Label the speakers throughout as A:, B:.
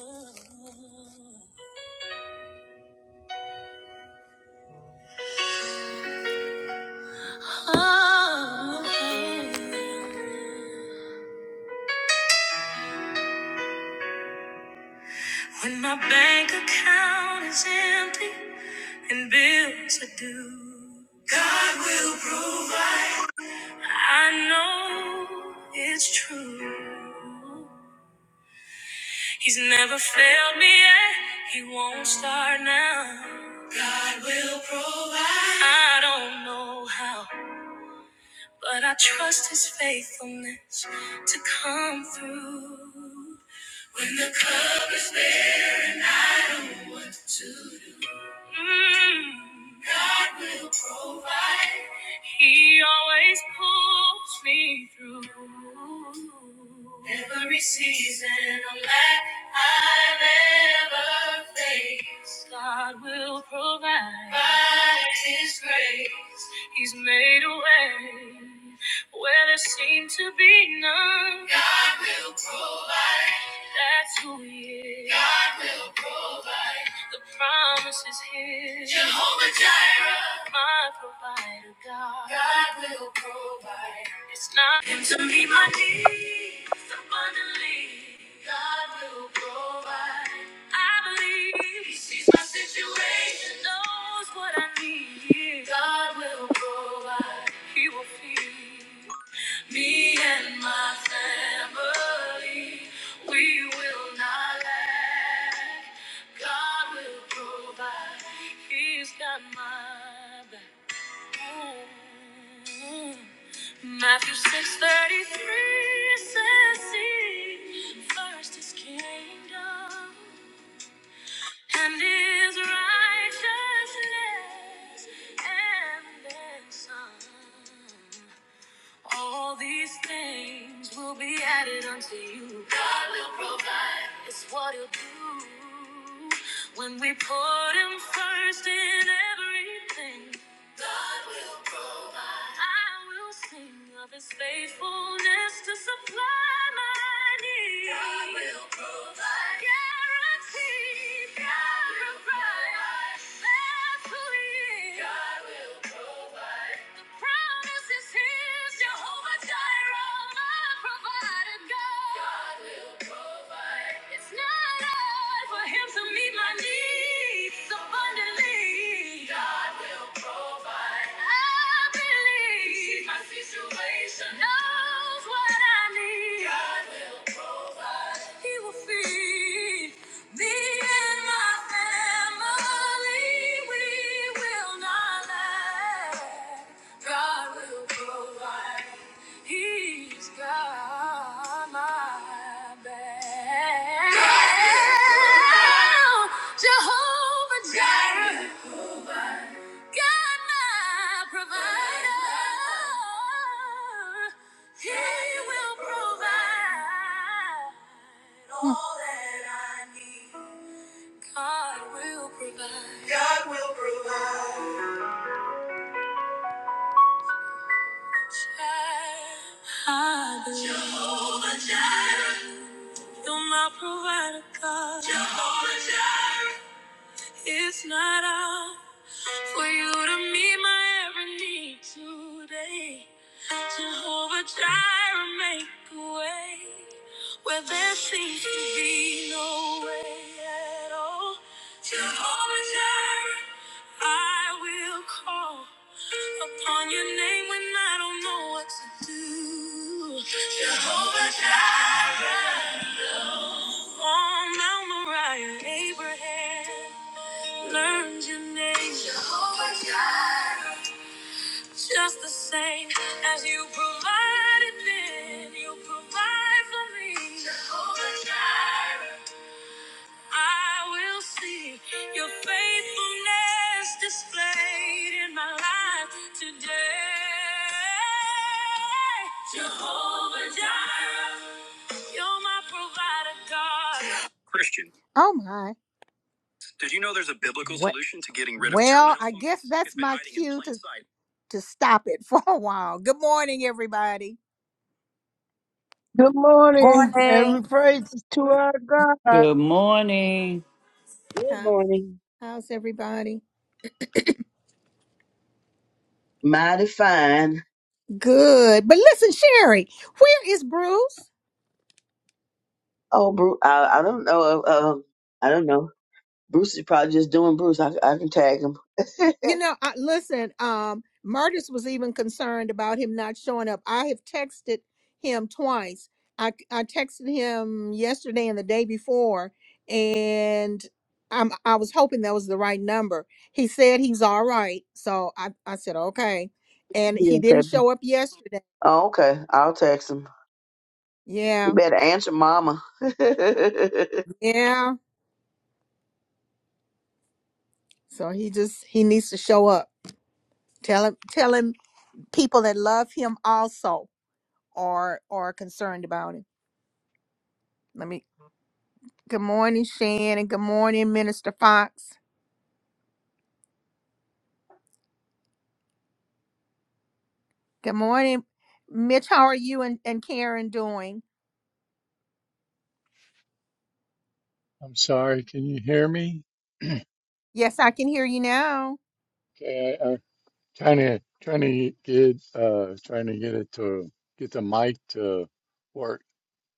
A: When my bank account is empty and bills are due, God will. I know it's true. He's never failed me yet. He won't start now. I don't know how, but I trust His faithfulness to come through. When the clock. He always pulls me through. Every season of life I've ever faced, God will provide by His grace. He's made a way where there seemed to be none. God will provide. That's who He is. God will provide. The promise is here. Jehovah Jireh, my provider, God. God will provide. It's not him to meet my needs abundantly. God will provide. I believe he sees my situation, knows what I need. God will provide. He will feed. Me and my family, we will not lack. God will provide. He's got my back. Ooh. Matthew 6:33 says, "Seek first His kingdom and His righteousness, and then some." All these things will be added unto you. It's what he'll do when we put him first in everything. I will sing of his faithfulness to supply my needs. God will provide. Guaranteed. God will provide. That's who he is. God will The promise his. Jehovah Jireh, my God will provide. It's not hard for him to meet my needs abundantly. He's got my back. Jehovah Jireh. God, my provider, He will provide all that I need. God will provide. God will provide. I believe you're my provider, God. Jehovah Jireh. It's not all for you to meet my every need today. Jehovah Jireh, make a way where there seems to be no way at all. Jehovah Jireh, I will call upon your name when I don't know what to do. On Mount Moriah, Abraham learned your name. Jehovah Jireh. Just the same as you provided then, you provide for me. Jehovah Jireh. I will see your faithfulness displayed in my life today. Jehovah Jireh, you're my provider, God. Christian. Oh my. Did you know there's a biblical Well, solution to getting rid of well, terminal I terminal guess illness? that's It's been my hiding in cue plain to, sight. to stop it for a while. Good morning, everybody.
B: Good morning.
C: Morning.
B: Every praise is to our God.
D: Good morning.
E: Good
A: How,
E: morning.
A: how's everybody?
E: Mighty fine.
A: Good. But listen, Sherry, where is Bruce?
E: Oh, Bruce, I, I don't know. Uh, um, I don't know. Bruce is probably just doing Bruce. I, I can tag him.
A: You
E: Be
A: know, I, listen, um, Martis was even concerned about him not showing up. I have texted him twice. I, I texted him yesterday and the day before, and I'm, I was hoping that was the right number. He said he's all right. So I, I said, okay. And he
E: in
A: didn't show up yesterday.
E: oh, okay. I'll text him. You
A: Yeah.
E: better answer Mama. I
A: Yeah. So he just, he needs to show up. Tell him, tell him people that love him also are, are concerned about him. Let me Good morning, Shan, and good morning, Minister Fox. Good morning, Mitch. How are you and, and Karen doing?
F: I'm sorry. Can you hear me?
A: Yes, I can hear you now.
F: Okay, I, I'm trying to trying to get uh trying to get it to get the mic to work.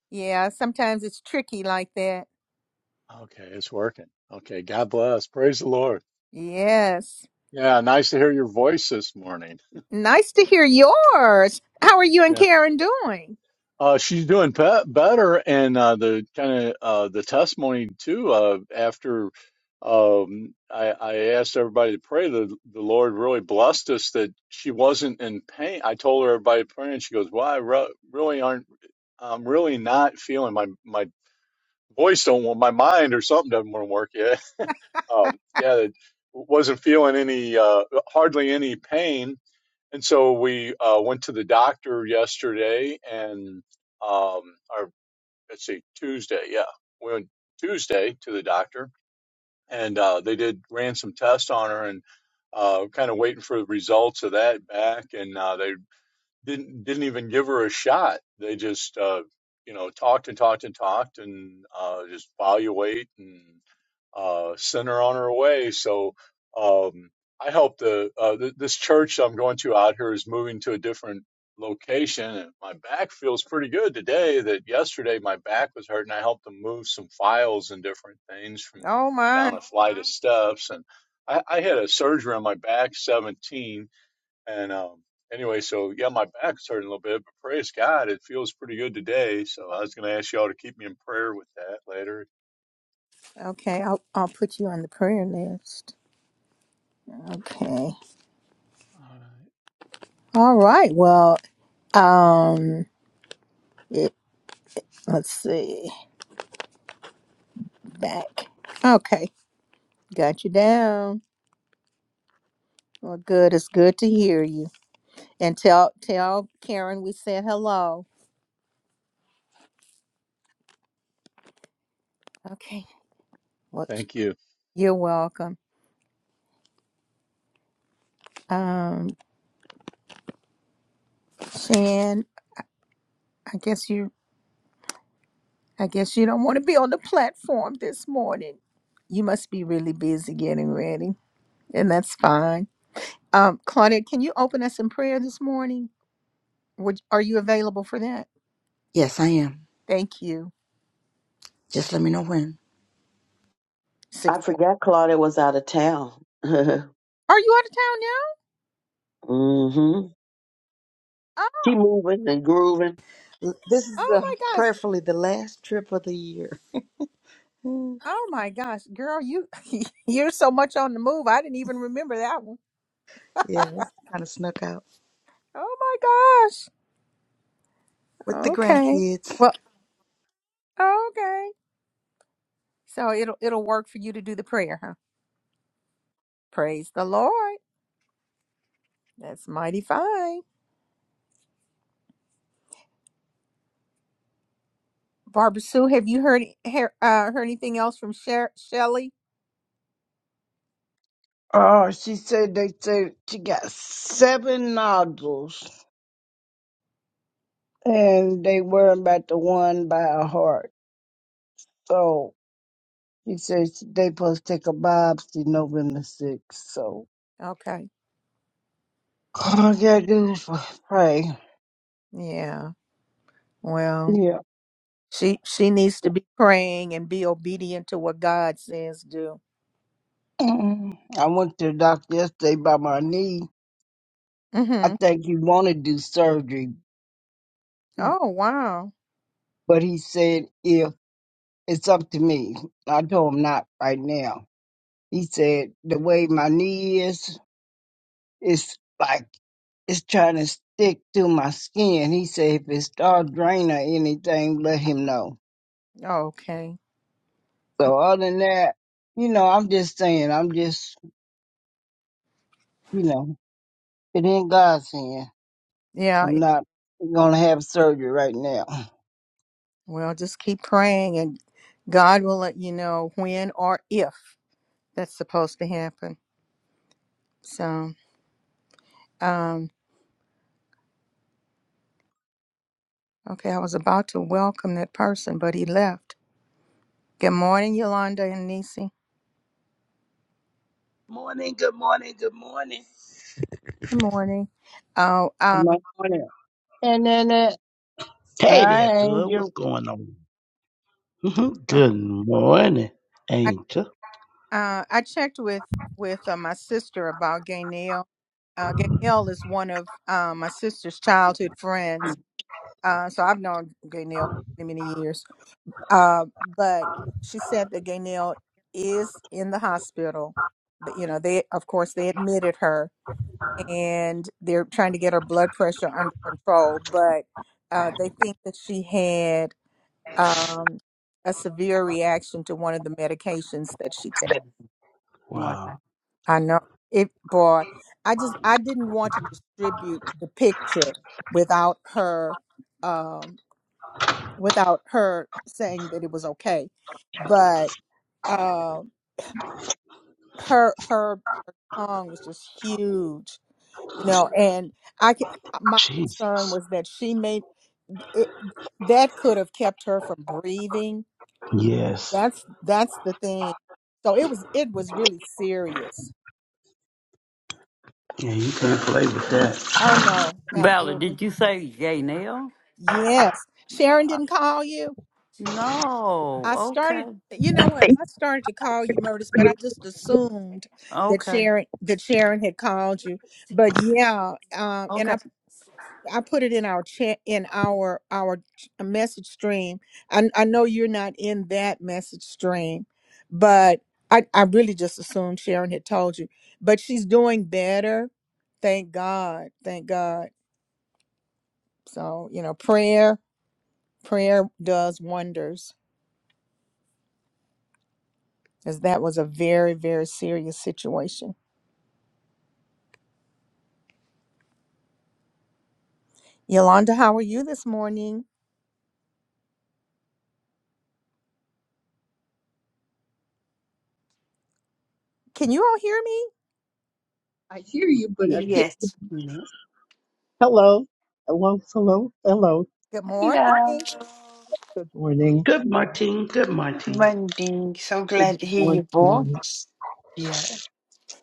A: Yeah, sometimes it's tricky like that.
F: Okay, it's working. Okay, God bless. Praise the Lord.
A: Yes.
F: Yeah, nice to hear your voice this morning.
A: Nice to hear yours. How are you and
F: Yeah.
A: Karen doing?
F: Uh, she's doing pe- better, and uh, the kind of uh, the testimony too. Uh, after um, I, I asked everybody to pray, the the Lord really blessed us that she wasn't in pain. I told her everybody praying. She goes, "Well, I re- really aren't." I'm really not feeling my my voice don't want my mind or something doesn't want to work yet. Um, yeah, it wasn't feeling any uh, hardly any pain, and so we uh, went to the doctor yesterday and um, or let's see Tuesday, yeah, we went Tuesday to the doctor and uh, they did ran some tests on her and uh, kind of waiting for the results of that back, and uh, they didn't didn't even give her a shot. They just uh, you know talked and talked and talked and uh, just evaluate and uh, send her on her way. So um, I hope the uh, th- this church I'm going to out here is moving to a different location. And my back feels pretty good today. That yesterday my back was hurting. I helped them move some files and different things from
A: Oh,
F: down
A: my.
F: a flight of steps and. I, I had a surgery on my back 17 and um, anyway, so yeah, my back's hurting a little bit, but praise God, it feels pretty good today. So I was going to ask y'all to keep me in prayer with that later.
A: Okay, I'll, I'll put you on the prayer list. Okay.
F: All right.
A: All right. Well, um, it, let's see. Back. Okay, got you down. Well, good. It's good to hear you. And tell tell Karen we said hello. Okay. Well,
F: Thank you.
A: you're welcome. Um, Shan, I guess you I guess you don't want to be on the platform this morning. You must be really busy getting ready, and that's fine. Um, Claudia, can you open us in prayer this morning? Would are you available for that?
C: Yes, ma'am.
A: Thank you.
C: Just in.
A: Six.
E: forgot Claudia was out of town.
A: Are you out of town
E: Mm hmm
A: now? Oh,
E: She moving and grooving.
C: This is
A: oh
C: the,
A: my gosh.
C: prayerfully the last trip of the year. Hmm.
A: Oh my gosh, girl, you you're so much on the move. I didn't even remember that one.
C: Yeah, this kind of snuck out
A: Oh
C: with the
A: Okay.
C: grandkids.
A: Well, okay. So it'll it'll work for you to do the prayer, huh? Praise the Lord. That's mighty fine. Barbara Sue, have you heard hear, uh, heard anything else from Sher- Shelley?
B: Oh, she said they said she got seven nodules and they worried about the one by her heart. So she said she- they supposed to take a biopsy November 6th. So
A: Okay.
B: all I gotta do is pray.
A: Yeah. Well,
B: Yeah.
A: she she needs to be praying and be obedient to what God says do.
B: Mm. I went to the doctor yesterday by my knee. I
A: Mhm.
B: think he wanted to do surgery,
A: Oh, wow.
B: but he said if it's up to me. I told him not right now. He said, the way my knee is, it's like it's trying to stick to my skin. He said, if it start draining or anything, let him know.
A: Okay.
B: So other than that, you know, I'm just saying, I'm just, you know, it in God's hand.
A: Yeah.
B: I'm
A: it-
B: not gonna have surgery right now.
A: Well, just keep praying and God will let you know when or if that's supposed to happen. So, Um. Okay, I was about to welcome that person, but he left. Good morning, Yolanda and Nisi.
G: Morning, good morning, good morning.
A: Good morning. Oh,
B: I'm
A: uh,
B: not doing it. And then it,
G: Hey there,
B: I ain't
G: good. What's
B: just,
G: going on? Mhm. good morning,
A: I
G: Angel.
A: uh, I checked with with uh, my sister about Gaynell. Uh, Gaynell is one of uh, my sister's childhood friends, uh, so I've known Gaynell for many years. Uh, but she said that Gaynell is in the hospital. But, you know, they of course they admitted her, and they're trying to get her blood pressure under control. But uh, they think that she had um, a severe reaction to one of the medications that she takes.
H: Wow.
G: Wow.
A: I know it, boy. I just I didn't want to distribute the picture without her um, without her saying that it was okay. But um her her her tongue was just huge you know and i c- uh, my
G: Jeez.
A: concern was that she made it, that could have kept her from breathing
G: Yes.
A: that's that's the thing so it was it was really serious
G: Yeah, you can't play with that.
A: oh no
D: Valerie,
A: absolutely
D: did you say Janelle?
A: yes sharon didn't call you
D: No.
A: i
D: Okay.
A: started you know what
G: Hey.
A: i started to call you murders but i just assumed that
D: Okay.
A: sharon that sharon had called you but yeah um and I I put it in our chat in our our ch- uh, message stream. I I know you're not in that message stream, but I I really just assumed Sharon had told you. But she's doing better. Thank God. Thank God. So, you know, prayer prayer does wonders cuz that was a very very serious situation. Yolanda, how are you this morning? Can you all hear me?
I: I hear you, but I can't.
H: Yes. me.
I: Hello, hello, hello, hello.
A: Good
H: Hello.
A: morning.
I: Good morning.
G: Good Martine, good Martine.
H: Monday. So
I: Good
H: glad to hear your
I: morning.
H: voice. Yeah.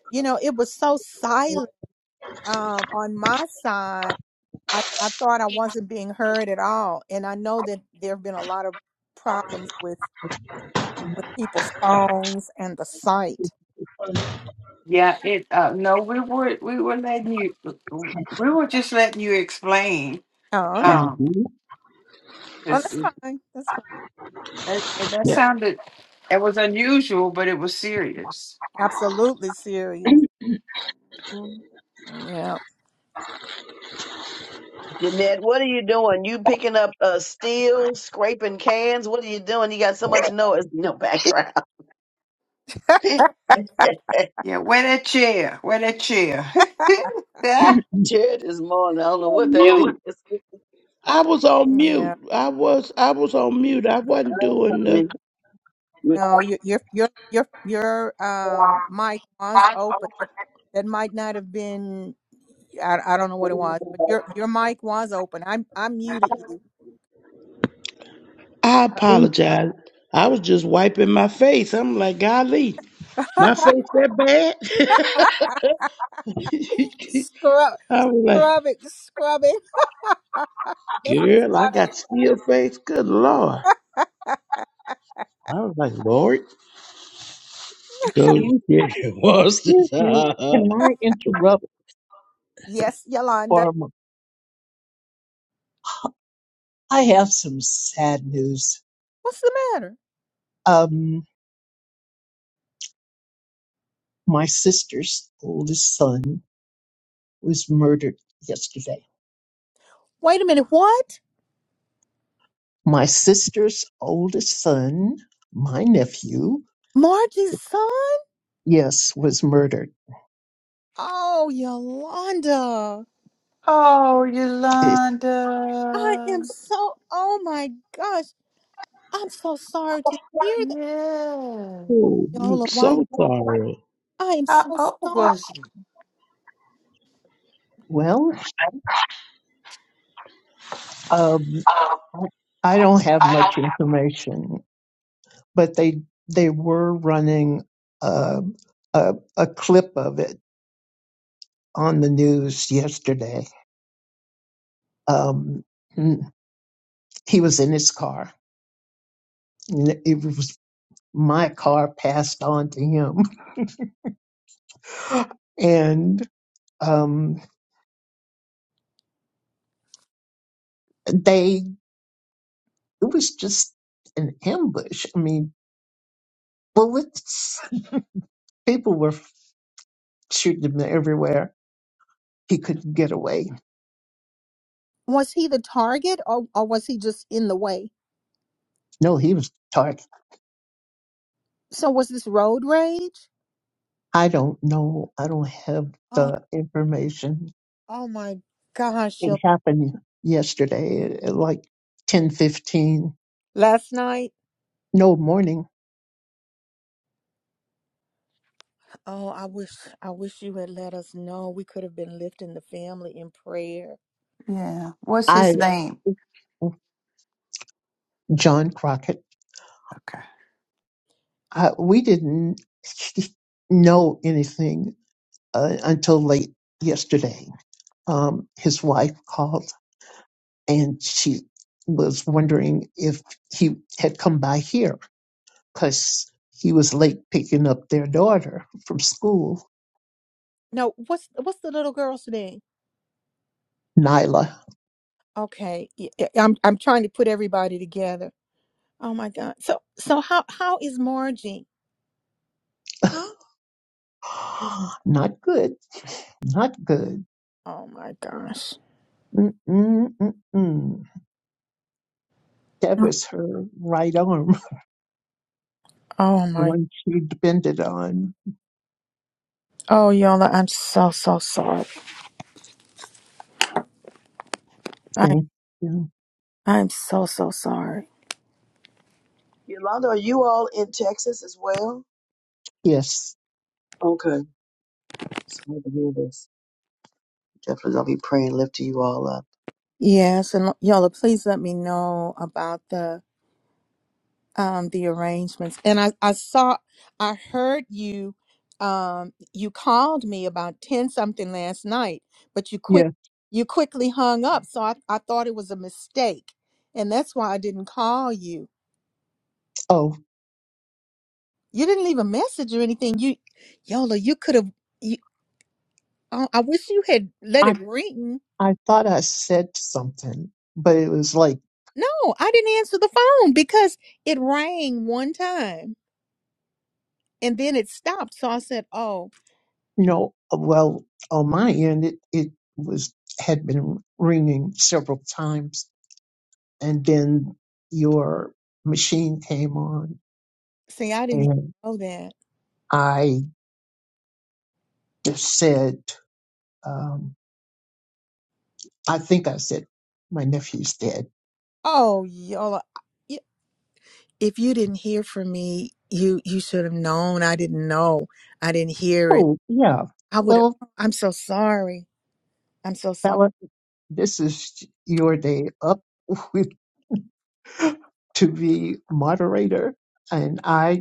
A: You know, it was so silent um on my side I, I thought I wasn't being heard at all. And I know that there have been a lot of problems with uh, with people's phones and the site.
H: Yeah, it uh no, we were we were letting you we were just letting you explain.
A: Oh, okay.
H: Um
G: Mm-hmm.
A: Oh,
H: 'cause
A: that's
H: it,
A: fine. That's fine.
H: that, and that
G: Yeah.
H: sounded it was unusual, but it was serious.
A: Absolutely serious.
H: Mhm.
A: Yeah.
E: Jeanette, what are you doing? You picking up uh, steel, scraping cans? What are you doing? You got so much noise in your background.
H: Yeah, where that chair? Where that chair?
E: chair this morning. I don't know
G: On
E: what that
G: mute.
E: is.
G: I was on
A: Yeah.
G: mute. I was I was on mute. I wasn't doing the
E: Honey.
A: No, your your your your your um mic was open. That, that might not have been. I, I don't know what it was, but your your mic was open. I I muted you.
G: I apologize. I was just wiping my face. I'm like, golly, my face that bad?
A: Scrub
G: I was like,
A: scrub it scrub it. That's what it
G: girl, I
A: sounded like.
G: got steel face. Good Lord. I was like, Lord, so
I: Excuse,
G: yeah, it was.
I: excuse me. Can I interrupt,
A: Yes, Yolanda.
I: Barbara? I have some sad news.
A: What's the matter?
I: Um, my sister's oldest son was murdered yesterday.
A: Wait a minute. What?
I: My sister's oldest son, my nephew,
A: Margie's son?
I: yes, was murdered.
A: Oh, Yolanda.
H: oh,
I: It's
A: I
H: Yolanda.
A: am so, oh my gosh. I'm so sorry to hear that.
H: Yeah.
G: oh, I'm
A: Yola, why?
G: so sorry.
A: I am
H: How
A: so
H: old
A: sorry.
H: was you?
I: well, um, I I don't have much information, but they they were running uh, a a clip of it on the news yesterday. Um, he was in his car. and It was my car passed on to him. and um, they it was just an ambush. I mean, bullets. People were shooting him everywhere. He couldn't get away.
A: Was he the target or, or was he just in the way?
I: No, he was charged.
A: So was this road rage?
I: I don't know. I don't have
A: Oh,
I: the information.
A: oh my gosh.
I: It
A: Yo-
I: happened yesterday at like ten fifteen.
A: Last night,
I: No morning.
A: oh, I wish, I wish you had let us know. We could have been lifting the family in prayer.
H: Yeah. What's his
I: I
H: name?
I: John Crockett.
H: Okay.
I: I, we didn't know anything uh, until late yesterday um, his wife called and she was wondering if he had come by here because he was late picking up their daughter from school,
A: No, what's what's the little girl's name?
I: Nyla.
A: Okay, y- y- I'm I'm trying to put everybody together. Oh my God. So so how how is Margie?
I: not good, not good.
A: Oh my gosh.
I: Mm-mm-mm-mm. That
A: Oh
I: was her right arm,
A: oh
I: the
A: my.
I: one she depended on.
A: Oh Yola, I'm so so sorry. I
I: Thank you.
A: I'm so so sorry.
E: Yolanda, are you all in Texas as well?
I: Yes,
E: Okay. Sorry to hear this. Definitely gonna be praying, lifting you all up.
A: Yes, and Yola, please let me know about the um the arrangements and i i saw i heard you um you called me about 10 something last night but you quick
I: yes.
A: you quickly hung up so i, I thought it was a mistake and that's why i didn't call you
I: Oh,
A: you didn't leave a message or anything you yola you could have you oh, i wish you had let
I: I
A: it ring
I: I thought I said something, but it was like
A: no i didn't answer the phone because it rang one time and then it stopped. So I said, "Oh,
I: No, well, on my end, it, it was had been ringing several times, and then your machine came on,
A: see, I didn't even
I: and
A: know that."
I: I just said, um, I think I said, my nephew's dead.
A: Oh, y'all, y- if you didn't hear from me, you you should have known. I didn't know. I didn't hear it.
I: Oh, yeah.
A: I would.
I: Well,
A: I'm so sorry. I'm so sorry.
I: Bella, this is your day up with, to be moderator, and I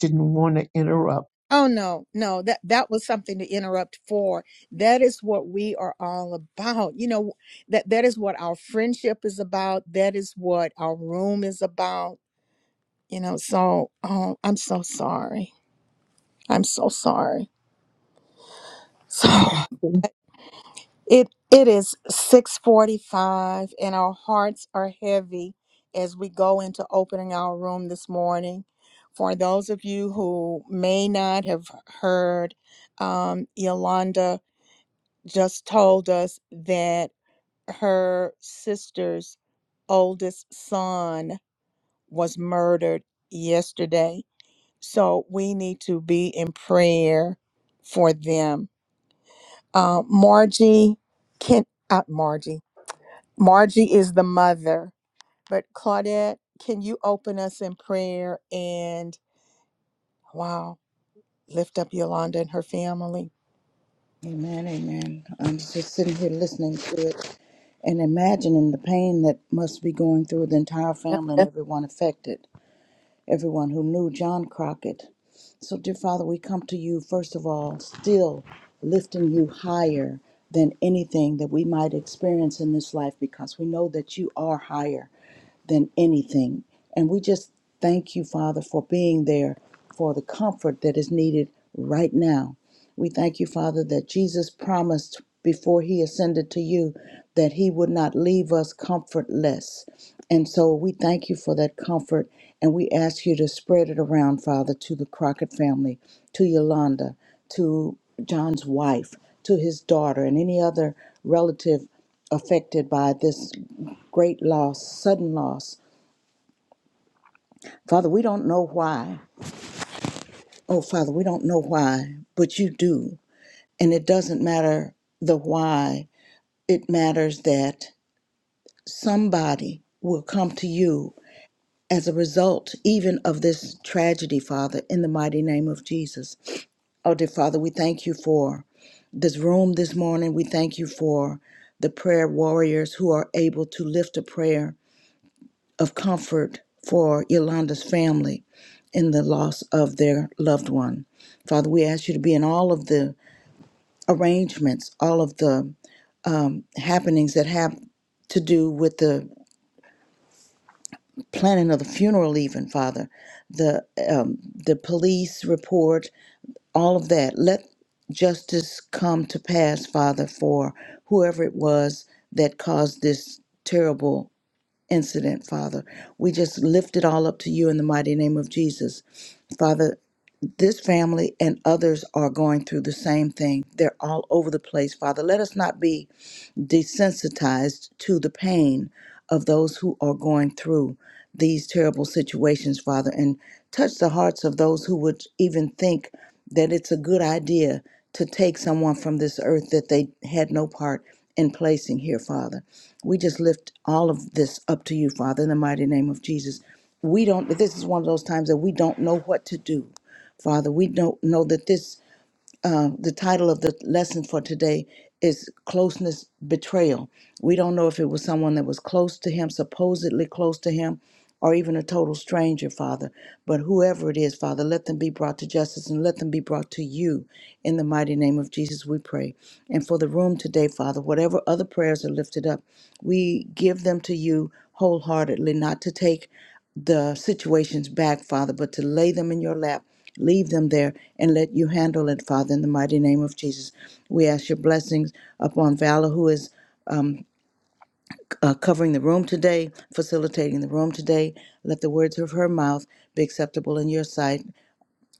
I: didn't want to interrupt.
A: Oh no, no, that that was something to interrupt for. That is what we are all about. You know, that that is what our friendship is about. That is what our room is about. You know, so oh, I'm so sorry. I'm so sorry. So
I: Okay,
A: it it is 6:45 and our hearts are heavy as we go into opening our room this morning. For those of you who may not have heard um, Yolanda just told us that her sister's oldest son was murdered yesterday. So we need to be in prayer for them. Uh, Margie can uh, Margie. Margie is the mother, but Claudette, can you open us in prayer and wow, lift up Yolanda and her family?
C: Amen, amen. I'm just sitting here listening to it and imagining the pain that must be going through the entire family and That's everyone affected. everyone who knew John Crockett. So, dear Father, we come to you, first of all, still lifting you higher than anything that we might experience in this life because we know that you are higher than anything. And we just thank you, Father, for being there for the comfort that is needed right now. We thank you, Father, that Jesus promised before he ascended to you that he would not leave us comfortless. And so we thank you for that comfort and we ask you to spread it around, Father, to the Crockett family, to Yolanda, to John's wife, to his daughter, and any other relative affected by this great loss, sudden loss. Father, we don't know why. Oh, Father, we don't know why, but you do. And it doesn't matter the why, it matters that somebody will come to you as a result even of this tragedy, Father, in the mighty name of Jesus. Oh, dear Father, we thank you for this room this morning. We thank you for the prayer warriors who are able to lift a prayer of comfort for Yolanda's family in the loss of their loved one. Father, we ask you to be in all of the arrangements, all of the happenings that have to do with the planning of the funeral even father the um, the police report all of that let justice come to pass father for whoever it was that caused this terrible incident father we just lift it all up to you in the mighty name of jesus Father, this family and others are going through the same thing. They're all over the place, Father. Let us not be desensitized to the pain of those who are going through these terrible situations, Father, and touch the hearts of those who would even think that it's a good idea to take someone from this earth that they had no part in placing here, Father. We just lift all of this up to you, Father, in the mighty name of Jesus. We don't, this is one of those times that we don't know what to do. Father, we don't know that this um, the title of the lesson for today is Closeness Betrayal. We don't know if it was someone that was close to him, supposedly close to him, or even a total stranger, Father. But whoever it is, Father, let them be brought to justice and let them be brought to you. In the mighty name of Jesus, we pray. And for the room today, Father, whatever other prayers are lifted up, we give them to you wholeheartedly, not to take the situations back, Father, but to lay them in your lap Leave them there and let you handle it, Father, in the mighty name of Jesus. We ask your blessings upon Valor, who is um, uh, covering the room today, facilitating the room today. Let the words of her mouth be acceptable in your sight.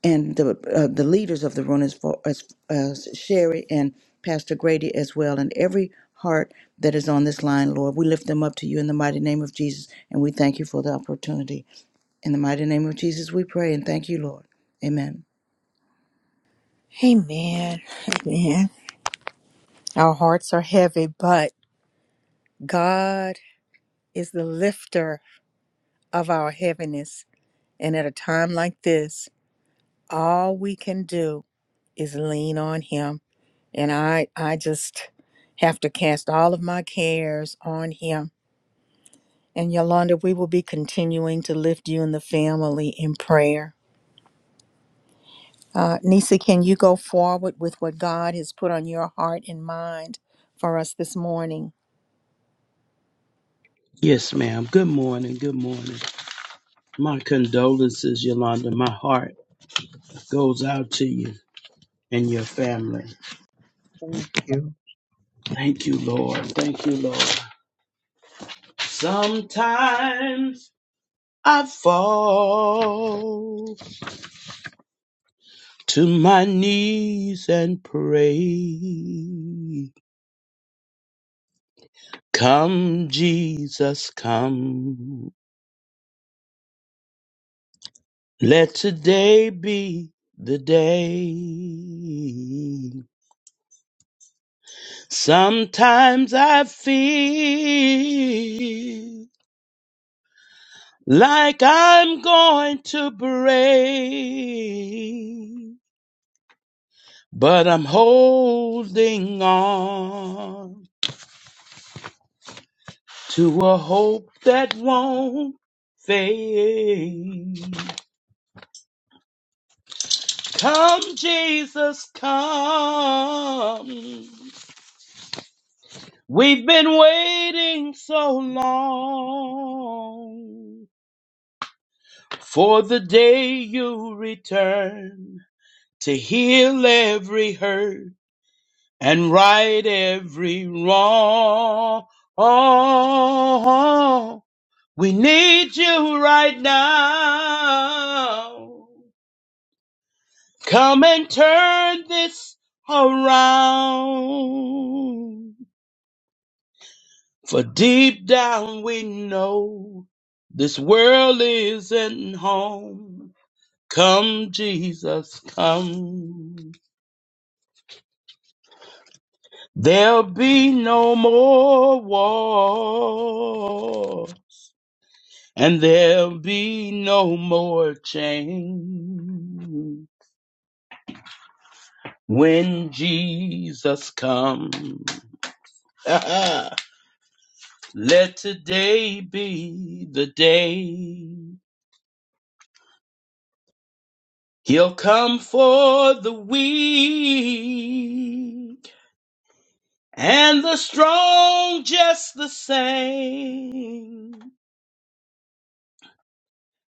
C: And the uh, the leaders of the room, as far as, as Sherry and Pastor Grady as well, and every heart that is on this line, Lord, we lift them up to you in the mighty name of Jesus, and we thank you for the opportunity. In the mighty name of Jesus, we pray and thank you, Lord. Amen.
A: Amen. Amen. Our hearts are heavy, but God. is the lifter of our heaviness. And at a time like this, all we can do is lean on him. And I I just have to cast all of my cares on him. And Yolanda, we will be continuing to lift you and the family in prayer. Uh, Nisa, can you go forward with what God has put on your heart and mind for us this morning?
G: Yes, ma'am. Good morning. Good morning. My condolences, Yolanda. My heart goes out to you and your family.
I: Thank you.
G: Thank you, Lord. Thank you, Lord. Sometimes I fall. to my knees and pray. Come, Jesus, come. Let today be the day. Sometimes I feel like I'm going to break, but I'm holding on to a hope that won't fade. Come, Jesus, come. We've been waiting so long for the day you return to heal every hurt and right every wrong. We need you right now. Come and turn this around. For deep down we know this world isn't home. Come, Jesus, come. There'll be no more war, and there'll be no more change when Jesus comes. Let today be the day he'll come for the weak and the strong just the same.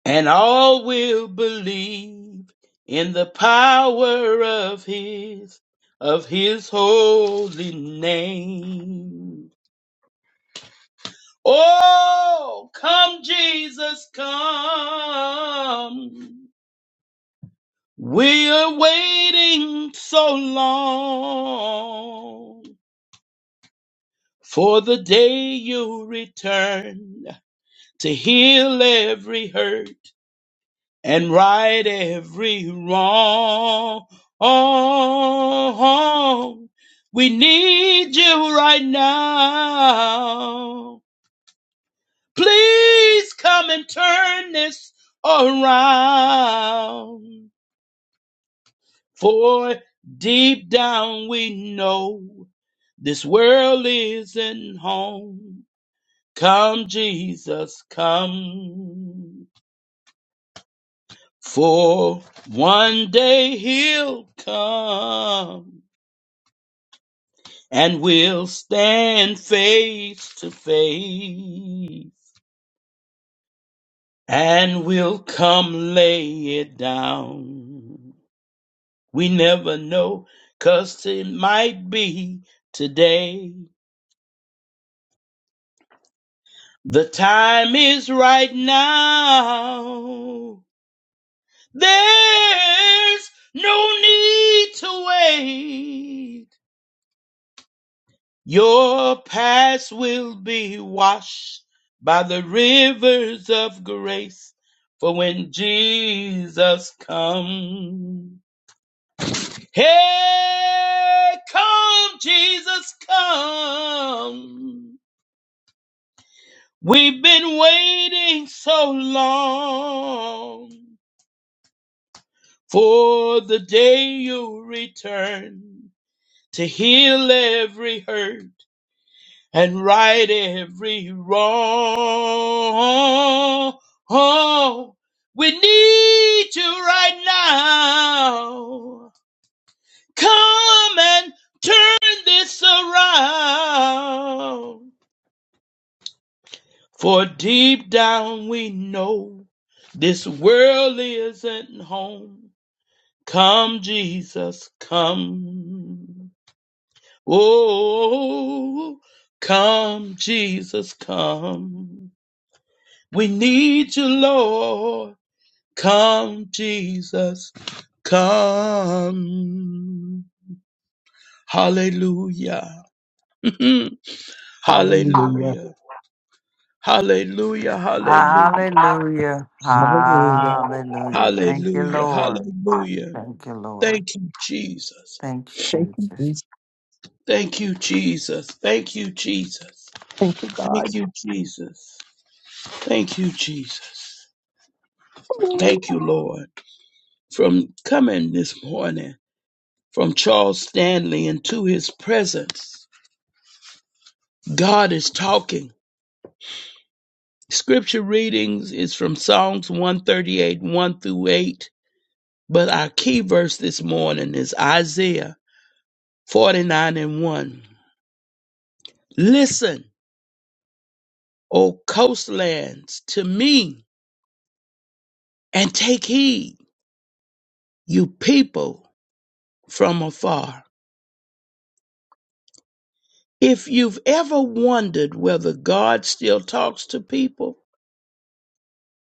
G: And all will believe in the power of his, of his holy name. Oh, come Jesus, come. We're waiting so long for the day you return to heal every hurt and right every wrong. We need you right now. Please come and turn this around. For deep down we know this world isn't home. Come, Jesus, come. For one day he'll come and we'll stand face to face and we'll come lay it down. We never know, 'cause it might be today. The time is right now. There's no need to wait. Your past will be washed by the rivers of grace. For when Jesus comes, hey, come, Jesus, come. We've been waiting so long. For the day you return to heal every hurt and right every wrong. we need you right now. Come and turn this around. For deep down we know this world isn't home. Come, Jesus, come. Oh, come, Jesus, come. We need you, Lord. Come, Jesus, come. Hallelujah. hallelujah.
I: Hallelujah.
G: Hallelujah. Hallelujah.
H: Hallelujah.
I: Hallelujah.
H: Hallelujah. Thank you,
G: Hallelujah.
H: Lord.
G: Hallelujah.
H: Thank you, Lord.
G: Thank you, Jesus.
H: Thank
I: Thank
H: you,
I: you,
H: Jesus.
I: Jesus.
G: Thank you, Jesus. Thank you, Jesus.
I: Thank you,
G: Thank
I: God.
G: you, Jesus. Thank you, Jesus.
I: Ooh.
G: Thank you, Lord, from coming this morning from Charles Stanley into his presence. God is talking. Scripture readings is from Psalms 138, 1 through 8. But our key verse this morning is Isaiah 49 and 1. Listen, O coastlands, to me and take heed, you people from afar. If you've ever wondered whether God still talks to people,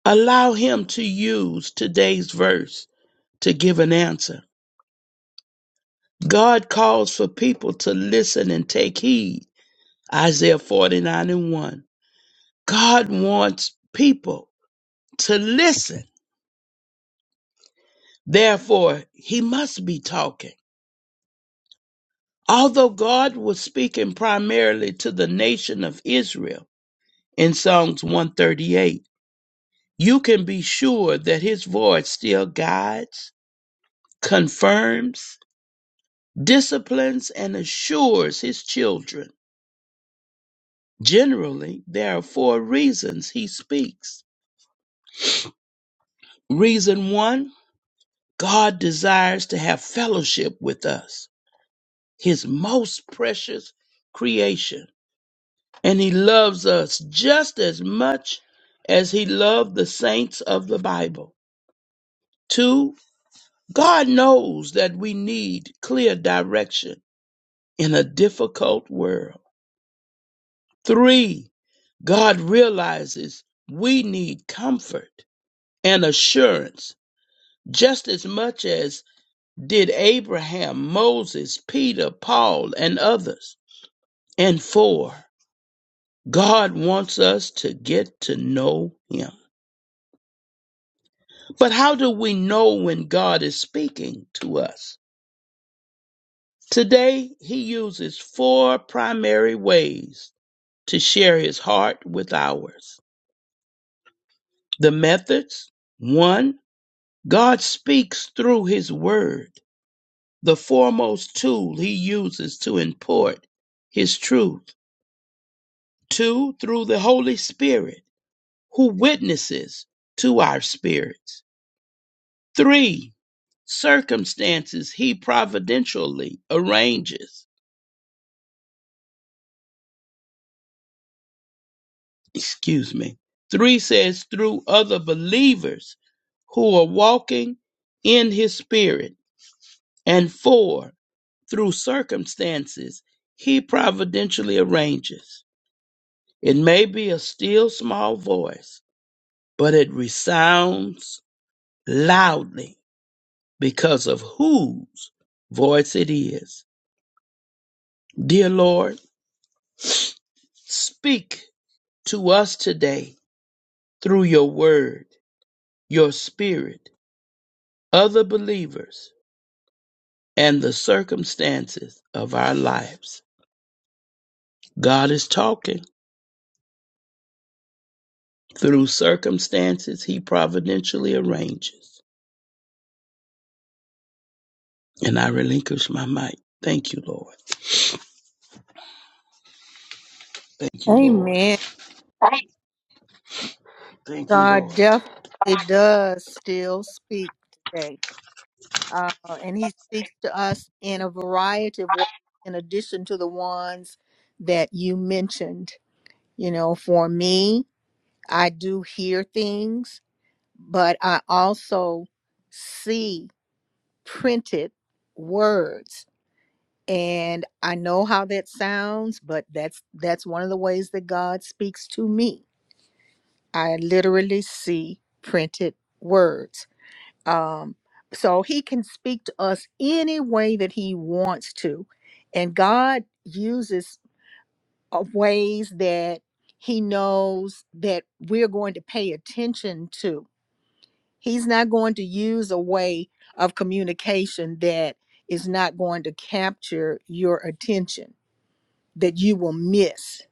G: Allow him to use today's verse to give an answer. God calls for people to listen and take heed. Isaiah 49 and 1. God wants people to listen. Therefore, he must be talking. Although God was speaking primarily to the nation of Israel in Psalms 138, you can be sure that his voice still guides, confirms, disciplines and assures his children. Generally, there are four reasons he speaks. Reason one God desires to have fellowship with us, his most precious creation, and he loves us just as much as he loved the saints of the Bible. Two, God knows that we need clear direction in a difficult world. Three, God realizes we need comfort and assurance just as much as did Abraham, Moses, Peter, Paul, and others. And four, God wants us to get to know Him. But how do we know when God is speaking to us? Today, He uses four primary ways to share His heart with ours. The methods, one, God speaks through his word, the foremost tool he uses to import his truth. Two, through the Holy Spirit, who witnesses to our spirits. Three, circumstances he providentially arranges. Excuse me. Three says through other believers who are walking in his spirit. And four, through circumstances he providentially arranges. It may be a still small voice, but it resounds loudly because of whose voice it is. Dear Lord, speak to us today through your word, your spirit, other believers, and the circumstances of our lives. God is talking through circumstances he providentially arranges. And I relinquish my mic. Thank you, Lord. Thank you, Lord.
A: Amen.
G: Thank you, Lord.
A: God definitely does still speak today. uh, and he speaks to us in a variety of ways in addition to the ones that you mentioned you know for me i do hear things but i also see printed words and i know how that sounds but that's that's one of the ways that god speaks to me i literally see printed words Um, so he can speak to us any way that he wants to. And God uses uh, ways that he knows that we're going to pay attention to. He's not going to use a way of communication that is not going to capture your attention that you will miss.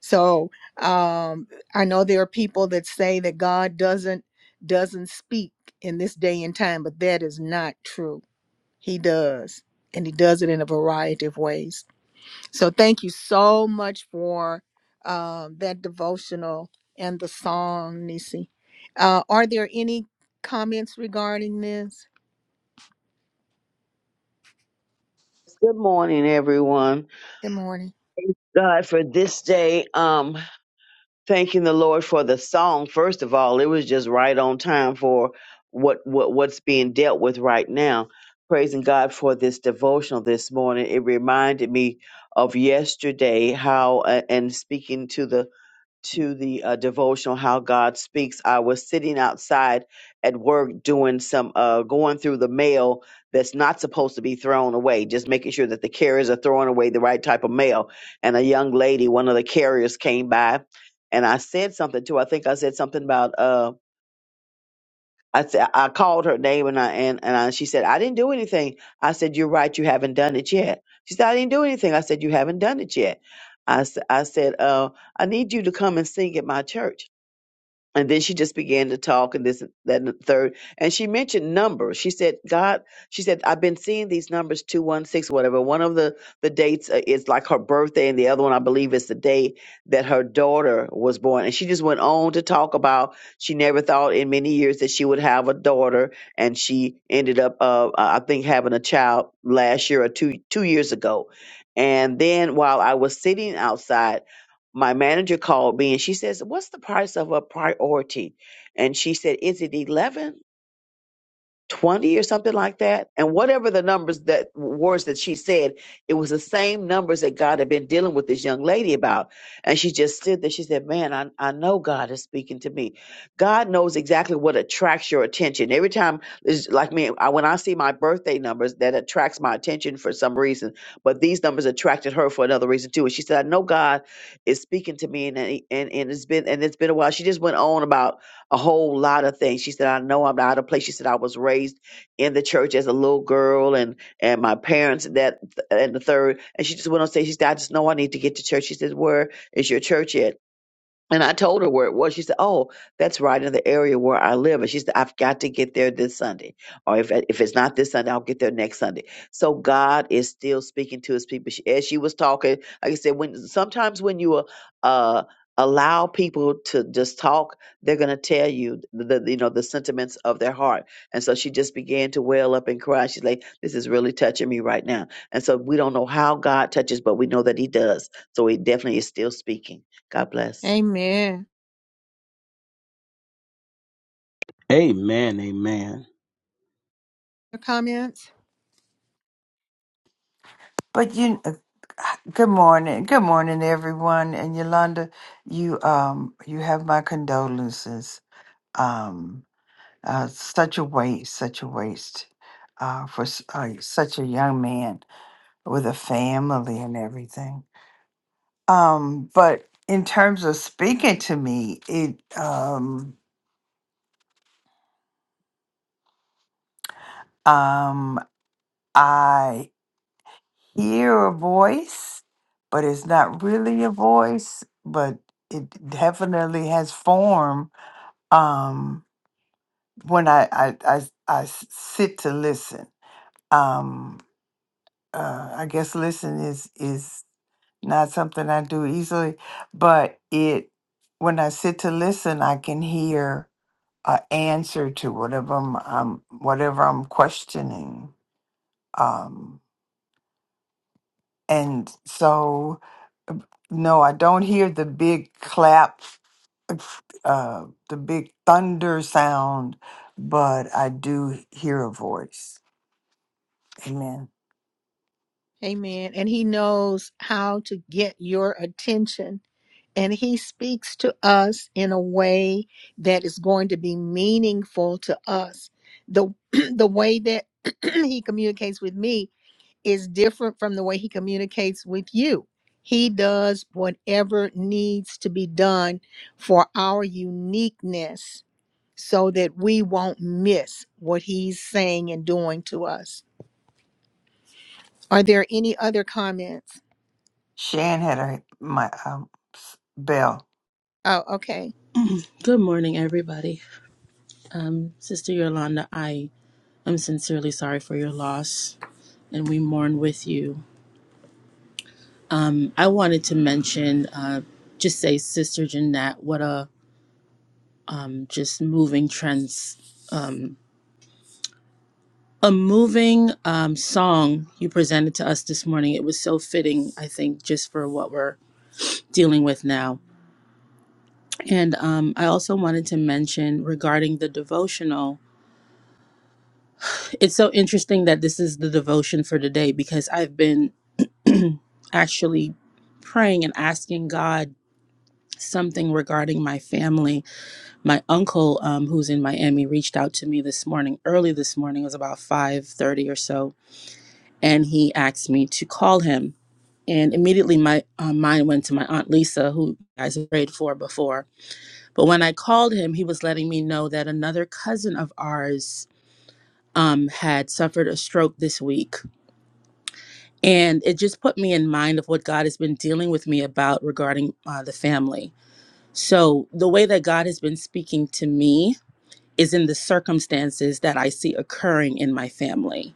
A: So um, I know there are people that say that God doesn't doesn't speak in this day and time, but that is not true He does. And he does it in a variety of ways. So thank you so much for um, that devotional and the song, Nisi. Uh, are there any comments regarding this?
E: Good morning, everyone.
A: Good morning.
E: Thank God for this day. Um, thanking the Lord for the song. First of all, it was just right on time for what what what's being dealt with right now. Praising God for this devotional this morning. It reminded me of yesterday how uh, and speaking to the to the uh, devotional how god speaks i was sitting outside at work doing some uh, going through the mail that's not supposed to be thrown away just making sure that the carriers are throwing away the right type of mail and a young lady one of the carriers came by and i said something to her i think i said something about uh, I, th- I called her name and I, and, and I, she said, I didn't do anything. I said, You're right. You haven't done it yet. She said, I didn't do anything. I said, You haven't done it yet. I, s- I said, uh, I need you to come and sing at my church. And then she just began to talk and this, that, and the third. And she mentioned numbers. She said, God, she said, I've been seeing these numbers, 216, whatever. One of the, the dates uh, is like her birthday, and the other one, I believe, is the day that her daughter was born. And she just went on to talk about she never thought in many years that she would have a daughter. And she ended up, uh, I think, having a child last year or two, two years ago. And then while I was sitting outside, my manager called me and she says, What's the price of a priority? And she said, Is it 11? 20 or something like that. And whatever the numbers that words that she said, it was the same numbers that God had been dealing with this young lady about. And she just stood there. She said, Man, I, I know God is speaking to me. God knows exactly what attracts your attention. Every time, it's like me, I, when I see my birthday numbers, that attracts my attention for some reason. But these numbers attracted her for another reason too. And she said, I know God is speaking to me. And, and, and it's been, and it's been a while. She just went on about a whole lot of things. She said, I know I'm out of place. She said, I was raised in the church as a little girl and, and my parents that and the third. And she just went on to say, she said, I just know I need to get to church. She said, where is your church at? And I told her where it was. She said, "Oh, that's right in the area where I live." And she said, "I've got to get there this Sunday, or if if it's not this Sunday, I'll get there next Sunday." So God is still speaking to His people. She, as she was talking, like I said, when sometimes when you uh, uh, allow people to just talk, they're going to tell you the, the you know the sentiments of their heart. And so she just began to well up and cry. She's like, "This is really touching me right now." And so we don't know how God touches, but we know that He does. So He definitely is still speaking. God bless.
A: Amen.
G: Amen. Amen.
A: Your comments?
H: But you, uh, good morning. Good morning, everyone. And Yolanda, you, um, you have my condolences. Um, uh, such a waste, such a waste, uh, for s- uh, such a young man with a family and everything. Um, but in terms of speaking to me, it um um I hear a voice, but it's not really a voice, but it definitely has form um when I I I, I s- sit to listen. Um uh I guess listen is is not something I do easily, but it when I sit to listen, I can hear A answer to whatever I'm, I'm whatever I'm questioning. Um, and so, no, I don't hear the big clap, uh, the big thunder sound, but I do hear a voice. Amen.
A: Amen. And he knows how to get your attention. And he speaks to us in a way that is going to be meaningful to us. The, the way that he communicates with me is different from the way he communicates with you. He does whatever needs to be done for our uniqueness so that we won't miss what he's saying and doing to us. Are there any other comments?
H: Shan had her my um, s- bell,
A: Oh, okay.
J: Good morning, everybody. Sister Yolanda, I am sincerely sorry for your loss, and we mourn with you. I wanted to mention, uh, just say, Sister Jeanette, what a just moving trans, a moving um, song you presented to us this morning. It was so fitting, I think, just for what we're dealing with now. And um, I also wanted to mention regarding the devotional. It's so interesting that this is the devotion for today because I've been actually praying and asking God something regarding my family. My uncle, um, who's in Miami, reached out to me this morning, early this morning, it was about five thirty or so, and he asked me to call him. And immediately my uh, mind went to my aunt Lisa, who you guys have prayed for before. But when I called him, he was letting me know that another cousin of ours um, had suffered a stroke this week and it just put me in mind of what God has been dealing with me about regarding uh, the family. So, the way that God has been speaking to me is in the circumstances that I see occurring in my family.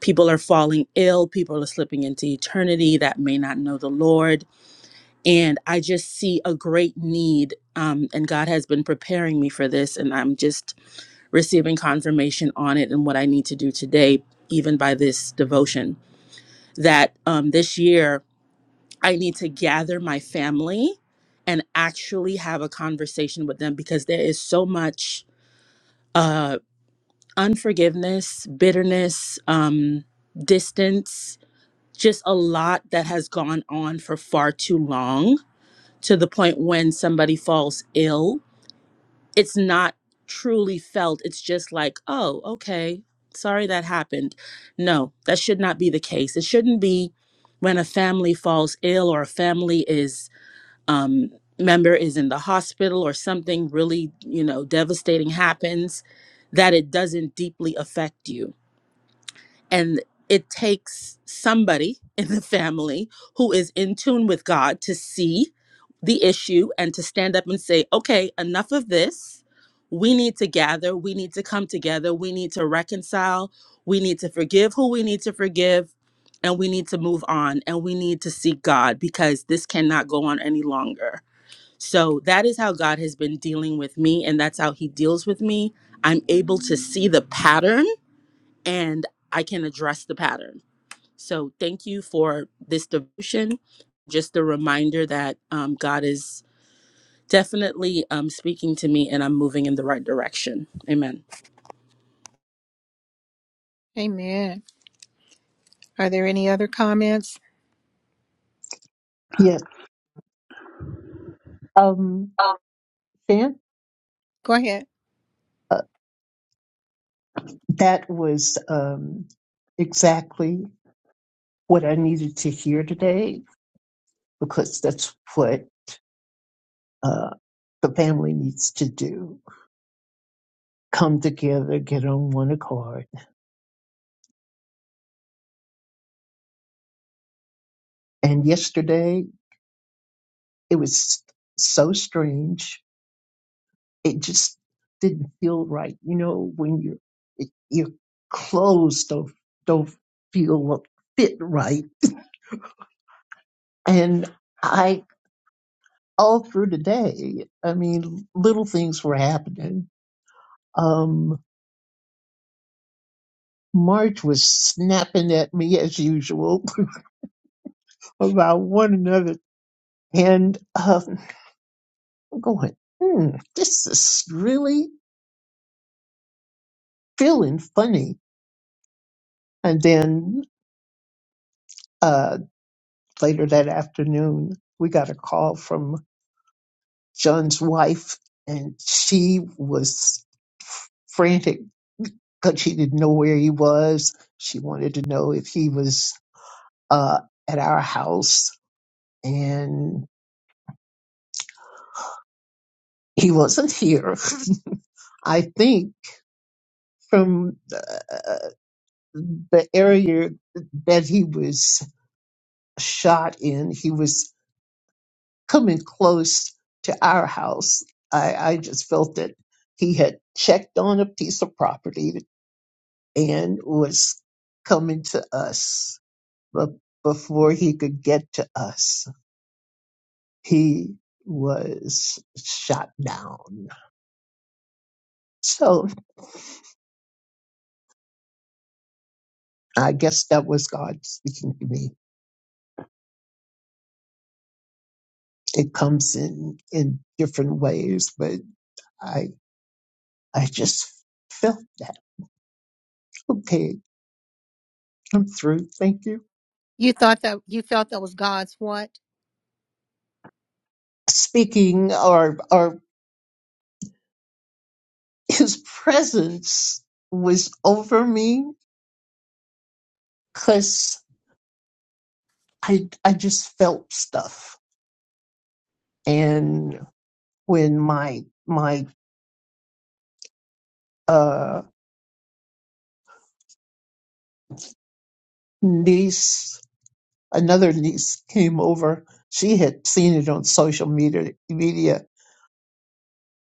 J: People are falling ill, people are slipping into eternity that may not know the Lord. And I just see a great need, um, and God has been preparing me for this, and I'm just receiving confirmation on it and what I need to do today, even by this devotion. That um, this year, I need to gather my family and actually have a conversation with them because there is so much uh, unforgiveness, bitterness, um, distance, just a lot that has gone on for far too long to the point when somebody falls ill. It's not truly felt. It's just like, oh, okay, sorry that happened. No, that should not be the case. It shouldn't be when a family falls ill or a family is um, member is in the hospital or something really, you know, devastating happens, that it doesn't deeply affect you. And it takes somebody in the family who is in tune with God to see the issue and to stand up and say, okay, enough of this. We need to gather. We need to come together. We need to reconcile. We need to forgive who we need to forgive. And we need to move on and we need to seek God because this cannot go on any longer so that is how God has been dealing with me, and that's how He deals with me. I'm able to see the pattern and I can address the pattern. So thank you for this devotion. Just a reminder that um, God is definitely um, speaking to me and I'm moving in the right direction. Amen.
A: Amen. Are there any other comments?
I: Yes. Um,
G: Oh,
I: Fan,
A: Go ahead.
I: uh, that was um, exactly. what I needed to hear today because that's what uh, the family needs to do. Come together, get on one accord. And yesterday, it was so strange. It just didn't feel right. You know, when you're, it, you're don't, don't feel fit right. And I, all through the day, I mean, little things were happening. Um, March was snapping at me as usual. about one another. And um, I'm going, hmm, this is really feeling funny. And then uh, later that afternoon, we got a call from John's wife, and she was frantic because she didn't know where he was. She wanted to know if he was uh, at our house, and he wasn't here. I think from. uh, the area that he was shot in, he was coming close to our house. I, I just felt that he had checked on a piece of property and was coming to us. But before he could get to us, he was shot down. So I guess that was God speaking to me. It comes in in different ways, but I I just felt that. Okay, I'm through. Thank you.
A: You thought that you felt that was God's what?
I: Speaking or or his presence was over me because I I just felt stuff. And when my my uh niece another niece came over, she had seen it on social media media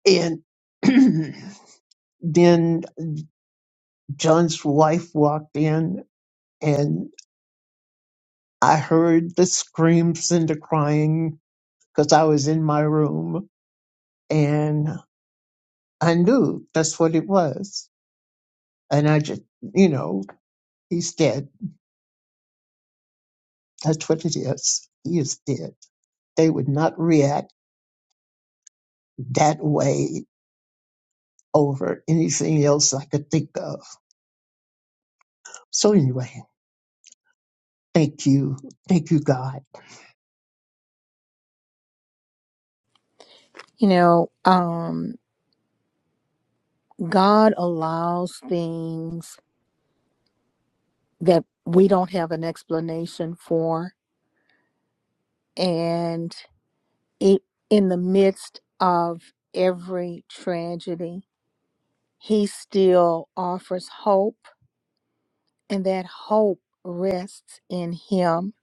I: and then John's wife walked in and I heard the screams and the crying because I was in my room and I knew that's what it was. And I just, you know, he's dead. That's what it is. He is dead. They would not react that way over anything else I could think of. So anyway, thank you. Thank you, God.
A: You know, um God allows things that we don't have an explanation for and it, in the midst of every tragedy, he still offers hope, and that hope rests in him.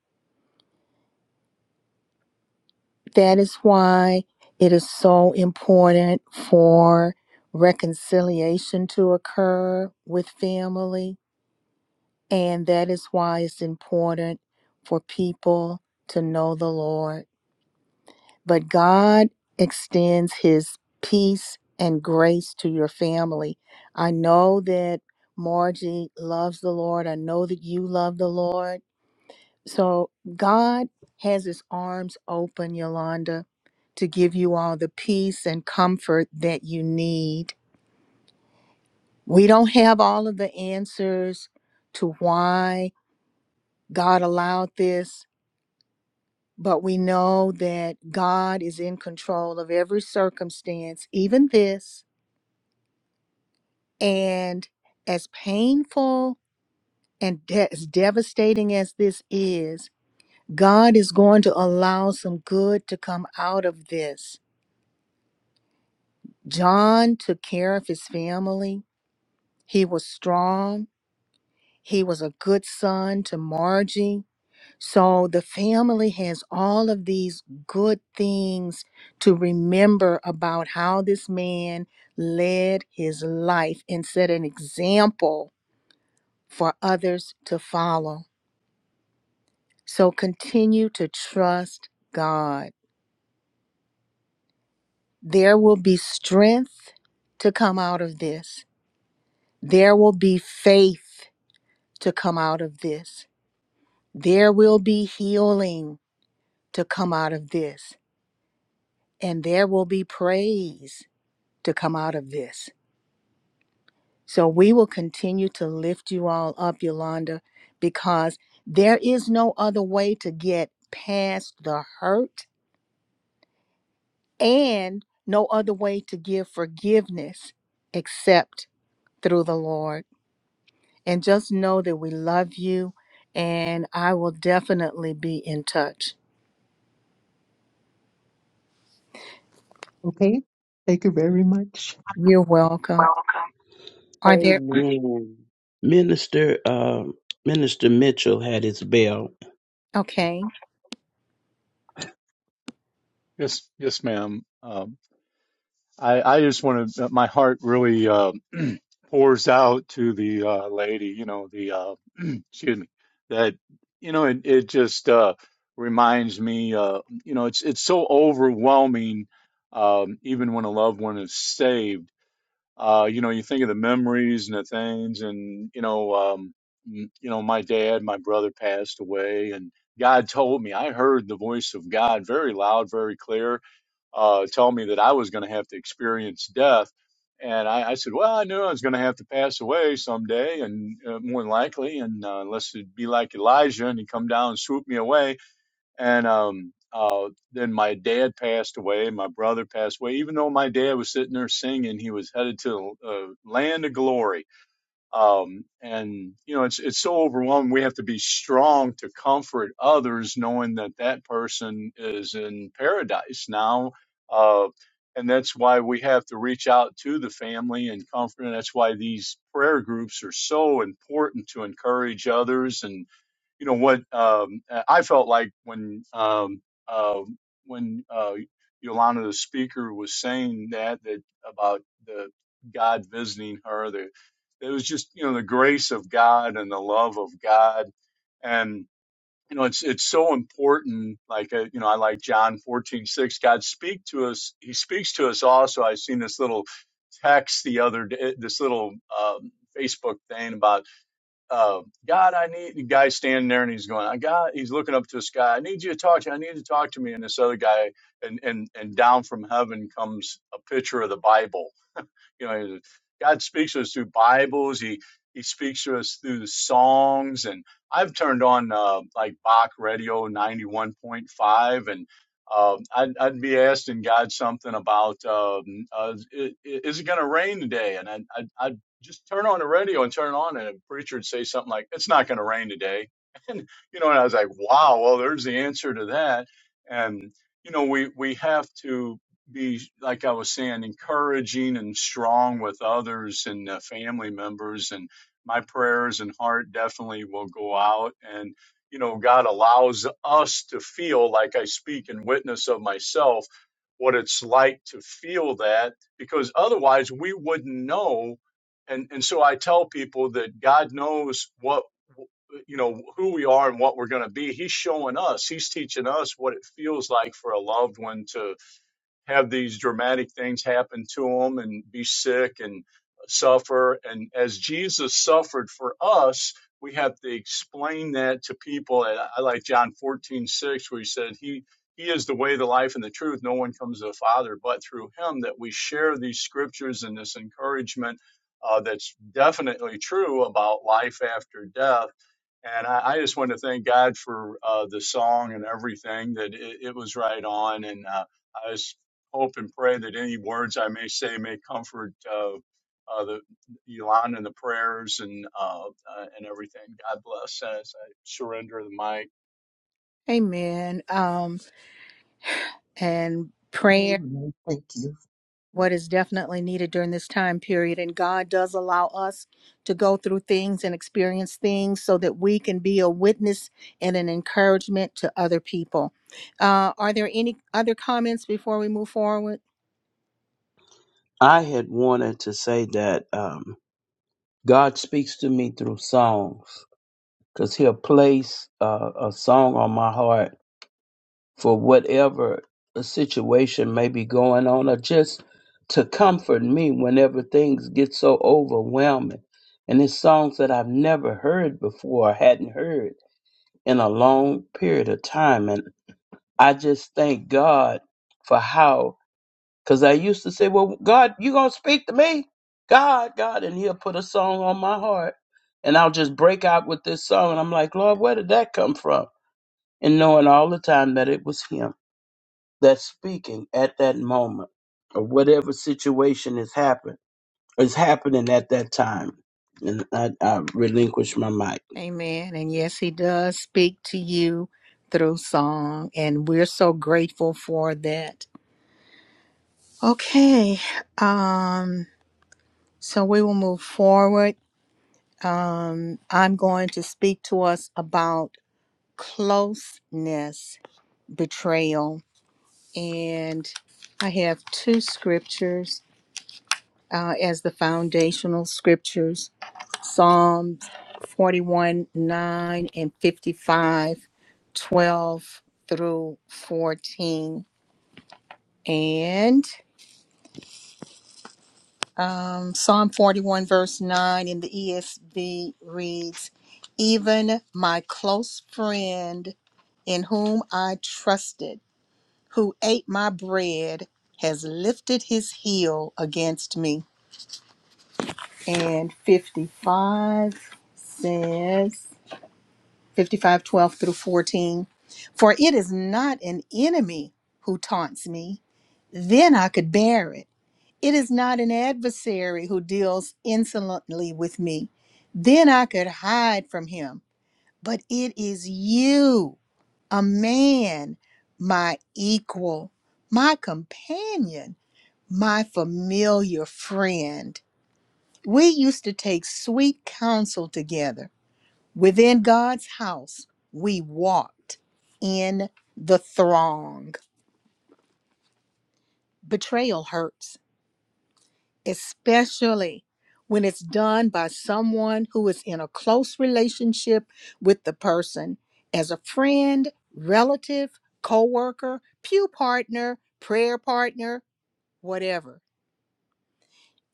A: That is why it is so important for reconciliation to occur with family, and that is why it's important for people to know the Lord. But God extends his peace and grace to your family. I know that Margie loves the Lord. I know that you love the Lord. So God has his arms open, Yolanda, to give you all the peace and comfort that you need. We don't have all of the answers to why God allowed this, but we know that God is in control of every circumstance, even this. And as painful and de- as devastating as this is, God is going to allow some good to come out of this. John took care of his family. He was strong. He was a good son to Margie. So the family has all of these good things to remember about how this man led his life and set an example for others to follow. So continue to trust God. There will be strength to come out of this. There will be faith to come out of this. There will be healing to come out of this. And there will be praise to come out of this. So we will continue to lift you all up, Yolanda, because there is no other way to get past the hurt and no other way to give forgiveness except through the Lord. And just know that we love you, and I will definitely be in touch.
I: Okay. Thank you very much.
A: You're welcome.
G: welcome.
A: Are there?
E: Amen.
G: Minister um, Minister Mitchell had his bell.
A: Okay.
F: Yes, yes, ma'am. Um, I I just want to. My heart really uh, pours out to the uh, lady. You know, the uh, excuse me. That you know, it it just uh, reminds me. Uh, you know, it's it's so overwhelming. Um, even when a loved one is saved Uh, you know, you think of the memories and the things, and you know, um, m- you know, my dad, my brother passed away, and God told me I heard the voice of God very loud, very clear, uh, tell me that I was going to have to experience death. And I, I said, well, I knew I was going to have to pass away someday, and uh, more than likely, and uh, unless it'd be like Elijah and he come down and swoop me away, and um uh then my dad passed away my brother passed away even though my dad was sitting there singing he was headed to uh, land of glory um and you know it's it's so overwhelming we have to be strong to comfort others knowing that that person is in paradise now uh and that's why we have to reach out to the family and comfort and that's why these prayer groups are so important to encourage others and you know what um, uh, I felt like when um, uh, when uh, Yolanda the speaker was saying that that about the God visiting her that it was just you know the grace of God and the love of God and you know it's it's so important like uh, you know I like John fourteen six God speak to us he speaks to us also i seen this little text the other day this little um, Facebook thing about uh, God, I need the guy standing there and he's going, I got, he's looking up to the sky. I need you to talk to, I need you to talk to me. And this other guy, and, and, and down from heaven comes a picture of the Bible you know, God speaks to us through Bibles. He He speaks to us through the songs. And I've turned on uh, like Bach Radio ninety one point five, and um I'd, I'd be asking God something about um, uh, is it going to rain today, and I'd, I'd, I'd just turn on the radio and turn it on, and a preacher would say something like, "It's not going to rain today," and you know, and I was like, "Wow, well, there's the answer to that," and you know, we we have to be like I was saying, encouraging and strong with others and uh, family members. And my prayers and heart definitely will go out. And you know, God allows us to feel like I speak and witness of myself what it's like to feel that, because otherwise we wouldn't know. And and so I tell people that God knows what you know who we are and what we're going to be he's showing us he's teaching us what it feels like for a loved one to have these dramatic things happen to them and be sick and suffer. And as Jesus suffered for us, we have to explain that to people. And I like John fourteen six, where he said, He he is the way, the life, and the truth. No one comes to the Father but through him, that we share these scriptures and this encouragement uh, that's definitely true about life after death and I, I just want to thank God for uh, the song and everything that it, it was right on. And uh, I just hope and pray that any words I may say may comfort uh, uh, the Elon and the prayers and uh, uh, and everything. God bless as I surrender the mic.
A: Amen. Um, and prayer.
I: Amen. Thank you.
A: what is definitely needed during this time period. And God does allow us to go through things and experience things so that we can be a witness and an encouragement to other people. Uh, are there any other comments before we move forward?
G: I had wanted to say that um, God speaks to me through songs because He'll place uh, a song on my heart for whatever a situation may be going on, or just to comfort me whenever things get so overwhelming. And it's songs that I've never heard before, or hadn't heard in a long period of time. I just thank God for how, because I used to say, Well, God, you going to speak to me? God, God. And he'll put a song on my heart. And I'll just break out with this song. And I'm like, Lord, where did that come from? And knowing all the time that it was him that's speaking at that moment or whatever situation has happened is happening at that time. And I, I relinquish my mic.
A: Amen. And yes, He does speak to you through song, and we're so grateful for that. Okay, um, so we will move forward. Um, I'm going to speak to us about closeness, betrayal. And I have two scriptures uh, as the foundational scriptures Psalms 41 9 and 55, 12 through 14. And um, Psalm 41, verse 9 in the ESV reads, Even my close friend in whom I trusted. who ate my bread has lifted his heel against me. And 55 says, 55, 12 through 14. For it is not an enemy who taunts me, then I could bear it. It is not an adversary who deals insolently with me, then I could hide from him. But it is you, a man, my equal, my companion my familiar friend. We used to take sweet counsel together. Within God's house, we walked in the throng. Betrayal hurts, especially when it's done by someone who is in a close relationship with the person as a friend, relative, coworker, pew partner, prayer partner, whatever.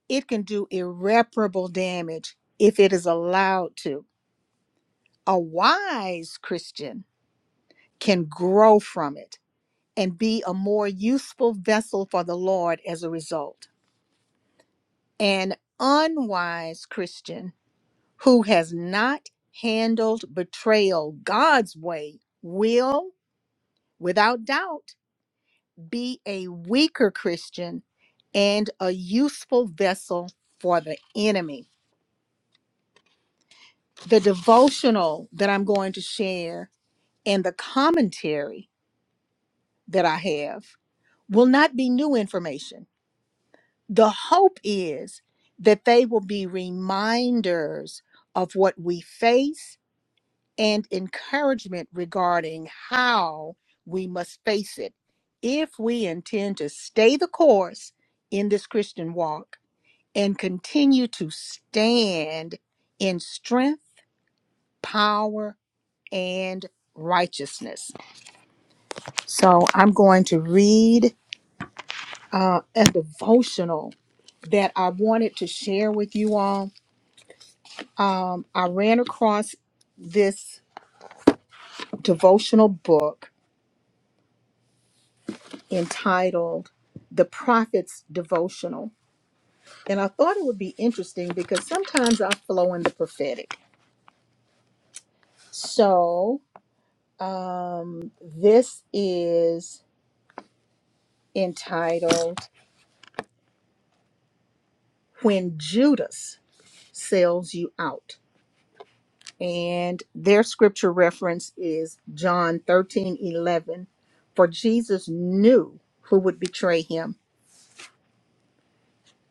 A: it can do irreparable damage if it is allowed to. A wise Christian can grow from it and be a more useful vessel for the Lord as a result. An unwise Christian who has not handled betrayal God's way will, without doubt, be a weaker Christian and a useful vessel for the enemy. The devotional that I'm going to share and the commentary that I have will not be new information. The hope is that they will be reminders of what we face and encouragement regarding how we must face it if we intend to stay the course in this Christian walk and continue to stand in strength, power, and righteousness. So I'm going to read uh, a devotional that I wanted to share with you all. I ran across this devotional book entitled The Prophet's Devotional. And I thought it would be interesting because sometimes I flow in the prophetic. So um, this is entitled When Judas Sells You Out. and their scripture reference is John 13 11, For Jesus knew who would betray him.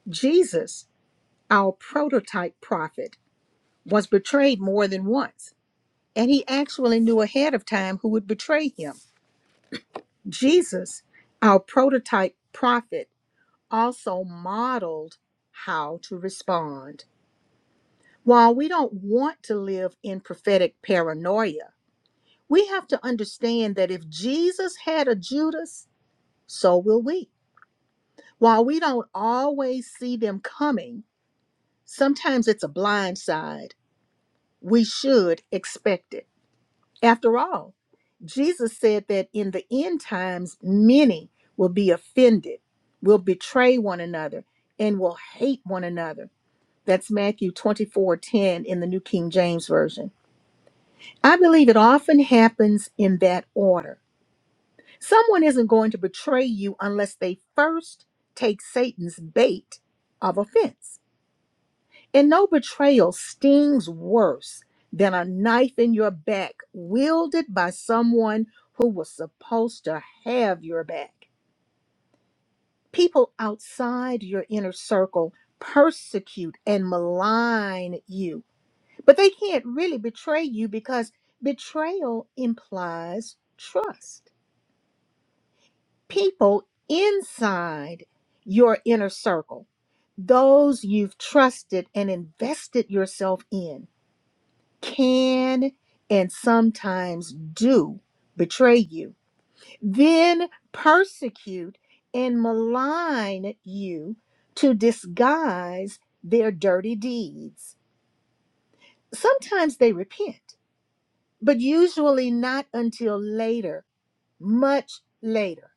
A: Jesus, our prototype prophet, was betrayed more than once, and he actually knew ahead of time who would betray him. Jesus, our prototype prophet, also modeled how to respond. While we don't want to live in prophetic paranoia, We have to understand that if Jesus had a Judas, so will we. While we don't always see them coming, sometimes it's a blind side. We should expect it. After all, Jesus said that in the end times, many will be offended, will betray one another, and will hate one another. That's Matthew 24 10 in the New King James Version. I believe it often happens in that order Someone isn't going to betray you unless they first take Satan's bait of offense. And no betrayal stings worse than a knife in your back wielded by someone who was supposed to have your back. People outside your inner circle persecute and malign you, but they can't really betray you because betrayal implies trust. people inside your inner circle, those you've trusted and invested yourself in, can and sometimes do betray you, then persecute and malign you to disguise their dirty deeds. Sometimes they repent, but usually not until later, much later.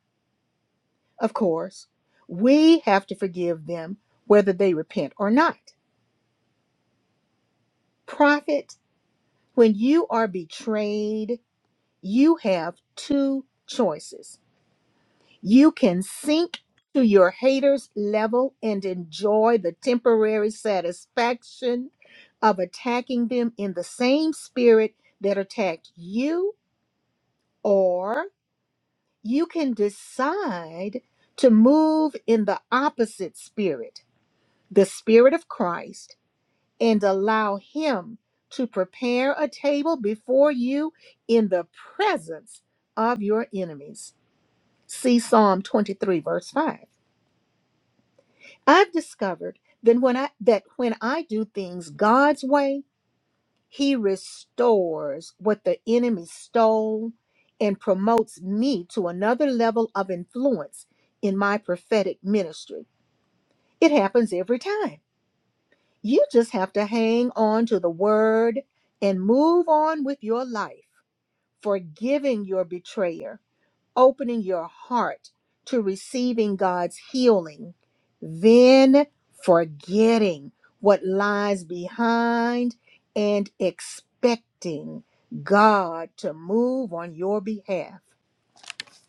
A: Of course, we have to forgive them whether they repent or not. Prophet, when you are betrayed, you have two choices. You can sink to your haters' level and enjoy the temporary satisfaction of attacking them in the same spirit that attacked you, or you can decide to move in the opposite spirit, the spirit of Christ and allow Him to prepare a table before you in the presence of your enemies. See Psalm 23, verse 5. I've discovered that when I that when I do things God's way, He restores what the enemy stole and promotes me to another level of influence in my prophetic ministry. It happens every time. You just have to hang on to the word and move on with your life, forgiving your betrayer, opening your heart to receiving God's healing, then forgetting what lies behind and expecting God to move on your behalf.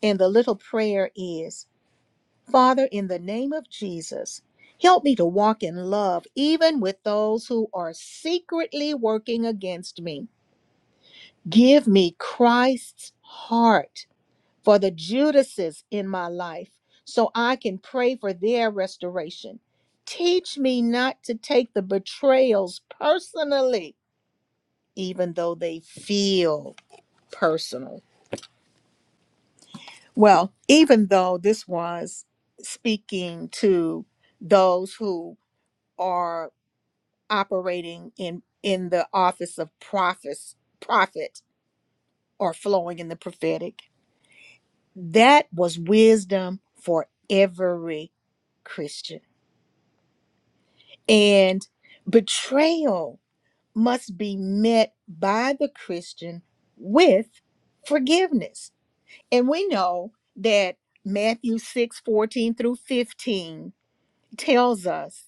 A: And the little prayer is Father, in the name of Jesus, help me to walk in love, even with those who are secretly working against me. Give me Christ's heart for the Judases in my life so I can pray for their restoration. Teach me not to take the betrayals personally, even though they feel personal. Well, even though this was speaking to those who are operating in in the office of prophets prophet or flowing in the prophetic that was wisdom for every christian and betrayal must be met by the christian with forgiveness and we know that matthew 6 14 through 15 tells us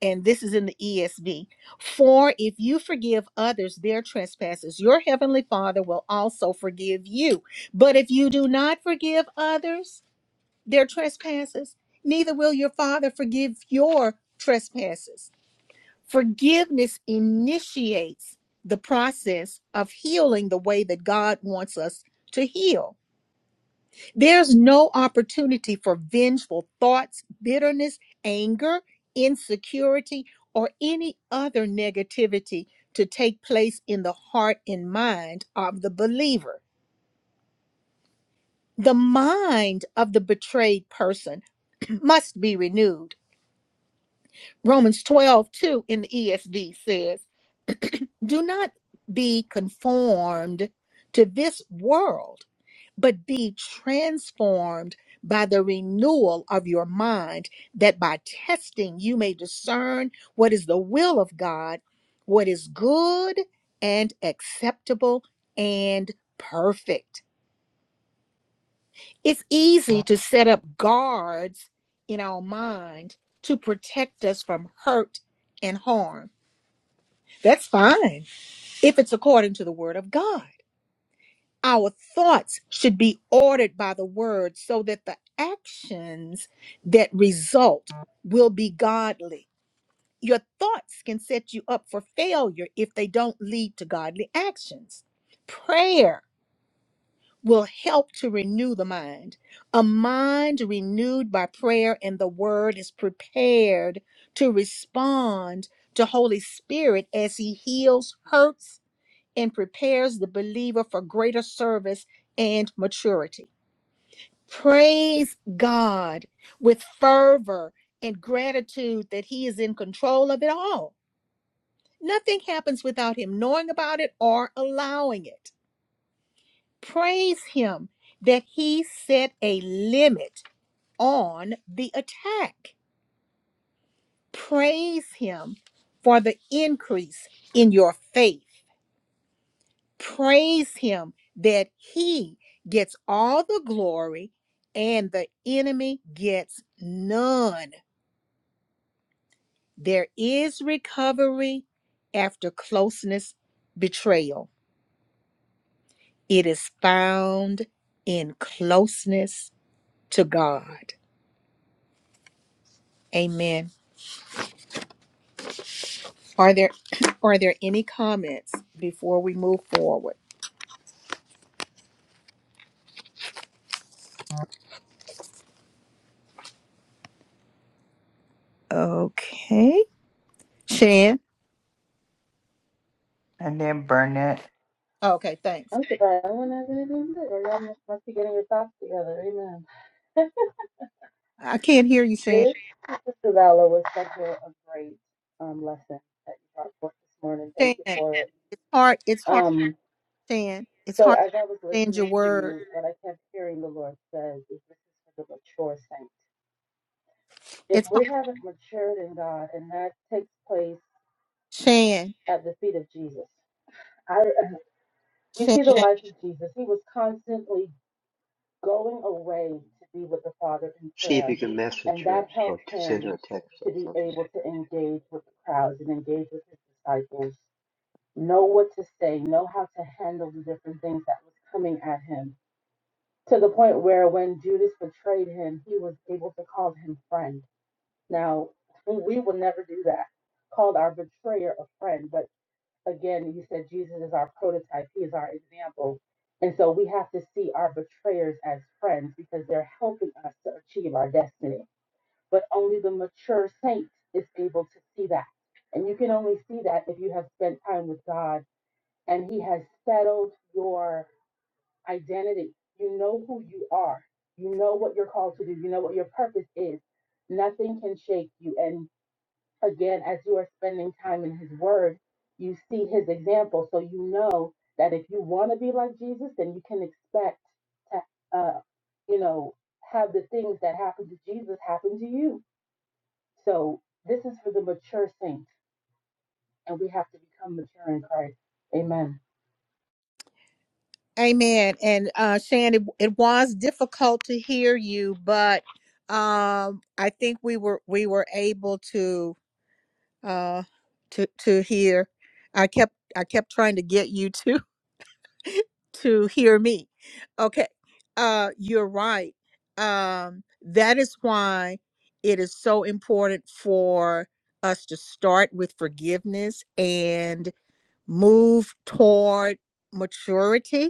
A: and this is in the ESV. For if you forgive others their trespasses, your heavenly Father will also forgive you. But if you do not forgive others their trespasses, neither will your Father forgive your trespasses. Forgiveness initiates the process of healing the way that God wants us to heal. There's no opportunity for vengeful thoughts, bitterness, anger, insecurity, or any other negativity to take place in the heart and mind of the believer. The mind of the betrayed person must be renewed. Romans 12 2 in the ESV says, Do not be conformed to this world but be transformed by the renewal of your mind, that by testing you may discern what is the will of God, what is good and acceptable and perfect. It's easy to set up guards in our mind to protect us from hurt and harm. That's fine if it's according to the word of God. Our thoughts should be ordered by the word so that the actions that result will be godly. Your thoughts can set you up for failure if they don't lead to godly actions. Prayer will help to renew the mind. A mind renewed by prayer and the word is prepared to respond to Holy Spirit as he heals, hurts, and prepares the believer for greater service and maturity. Praise God with fervor and gratitude that He is in control of it all. Nothing happens without Him knowing about it or allowing it. Praise Him that He set a limit on the attack. Praise Him for the increase in your faith Praise him that he gets all the glory and the enemy gets none. There is recovery after closeness betrayal. It is found in closeness to God. Amen. Are there are there any comments before we move forward? Okay. Shan.
H: and then Burnett.
A: Okay, thanks.
J: I'm surprised no one has anything to say. Y'all must, must be getting your thoughts together. Amen.
A: I can't hear you, Shan.
J: Thank sister Vala was such a, a great um, lesson that you brought forth this morning. Thank
A: Shan,
J: you for it.
A: it's hard. It's hard.
J: Um,
A: Shan. It's
J: so
A: hard
J: as I was
A: to understand your
J: listening to
A: word.
J: you, what I kept hearing the Lord says is this is for the mature saints. If
A: It's hard.
J: we haven't matured in God, and that takes place
A: Shan.
J: at the feet of Jesus, I, we
A: Shan.
J: see the life of Jesus. He was constantly going away to be with the Father in
K: See if
J: prayer,
K: you can message
J: and
K: her
J: that
K: or
J: helped
K: t- send her
J: him
K: a text
J: to
K: or
J: be
K: something.
J: able to engage with the crowds and engage with his disciples know what to say, know how to handle the different things that was coming at him. To the point where when Judas betrayed him, he was able to call him friend. Now, we will never do that, called our betrayer a friend. But again, you said Jesus is our prototype, he is our example. And so we have to see our betrayers as friends because they're helping us to achieve our destiny. But only the mature saint is able to see that. And you can only see that if you have spent time with God and he has settled your identity. You know who you are. You know what you're called to do. You know what your purpose is. Nothing can shake you. And again, as you are spending time in his word, you see his example. So you know that if you want to be like Jesus, then you can expect to, uh, you know, have the things that happened to Jesus happen to you. So this is for the mature saints, and we have to become mature in Christ. Amen.
A: Amen. And uh Shan, it, it was difficult to hear you, but um I think we were we were able to uh to to hear. I kept I kept trying to get you to to hear me. Okay. Uh you're right. Um that is why it is so important for us to start with forgiveness and move toward maturity.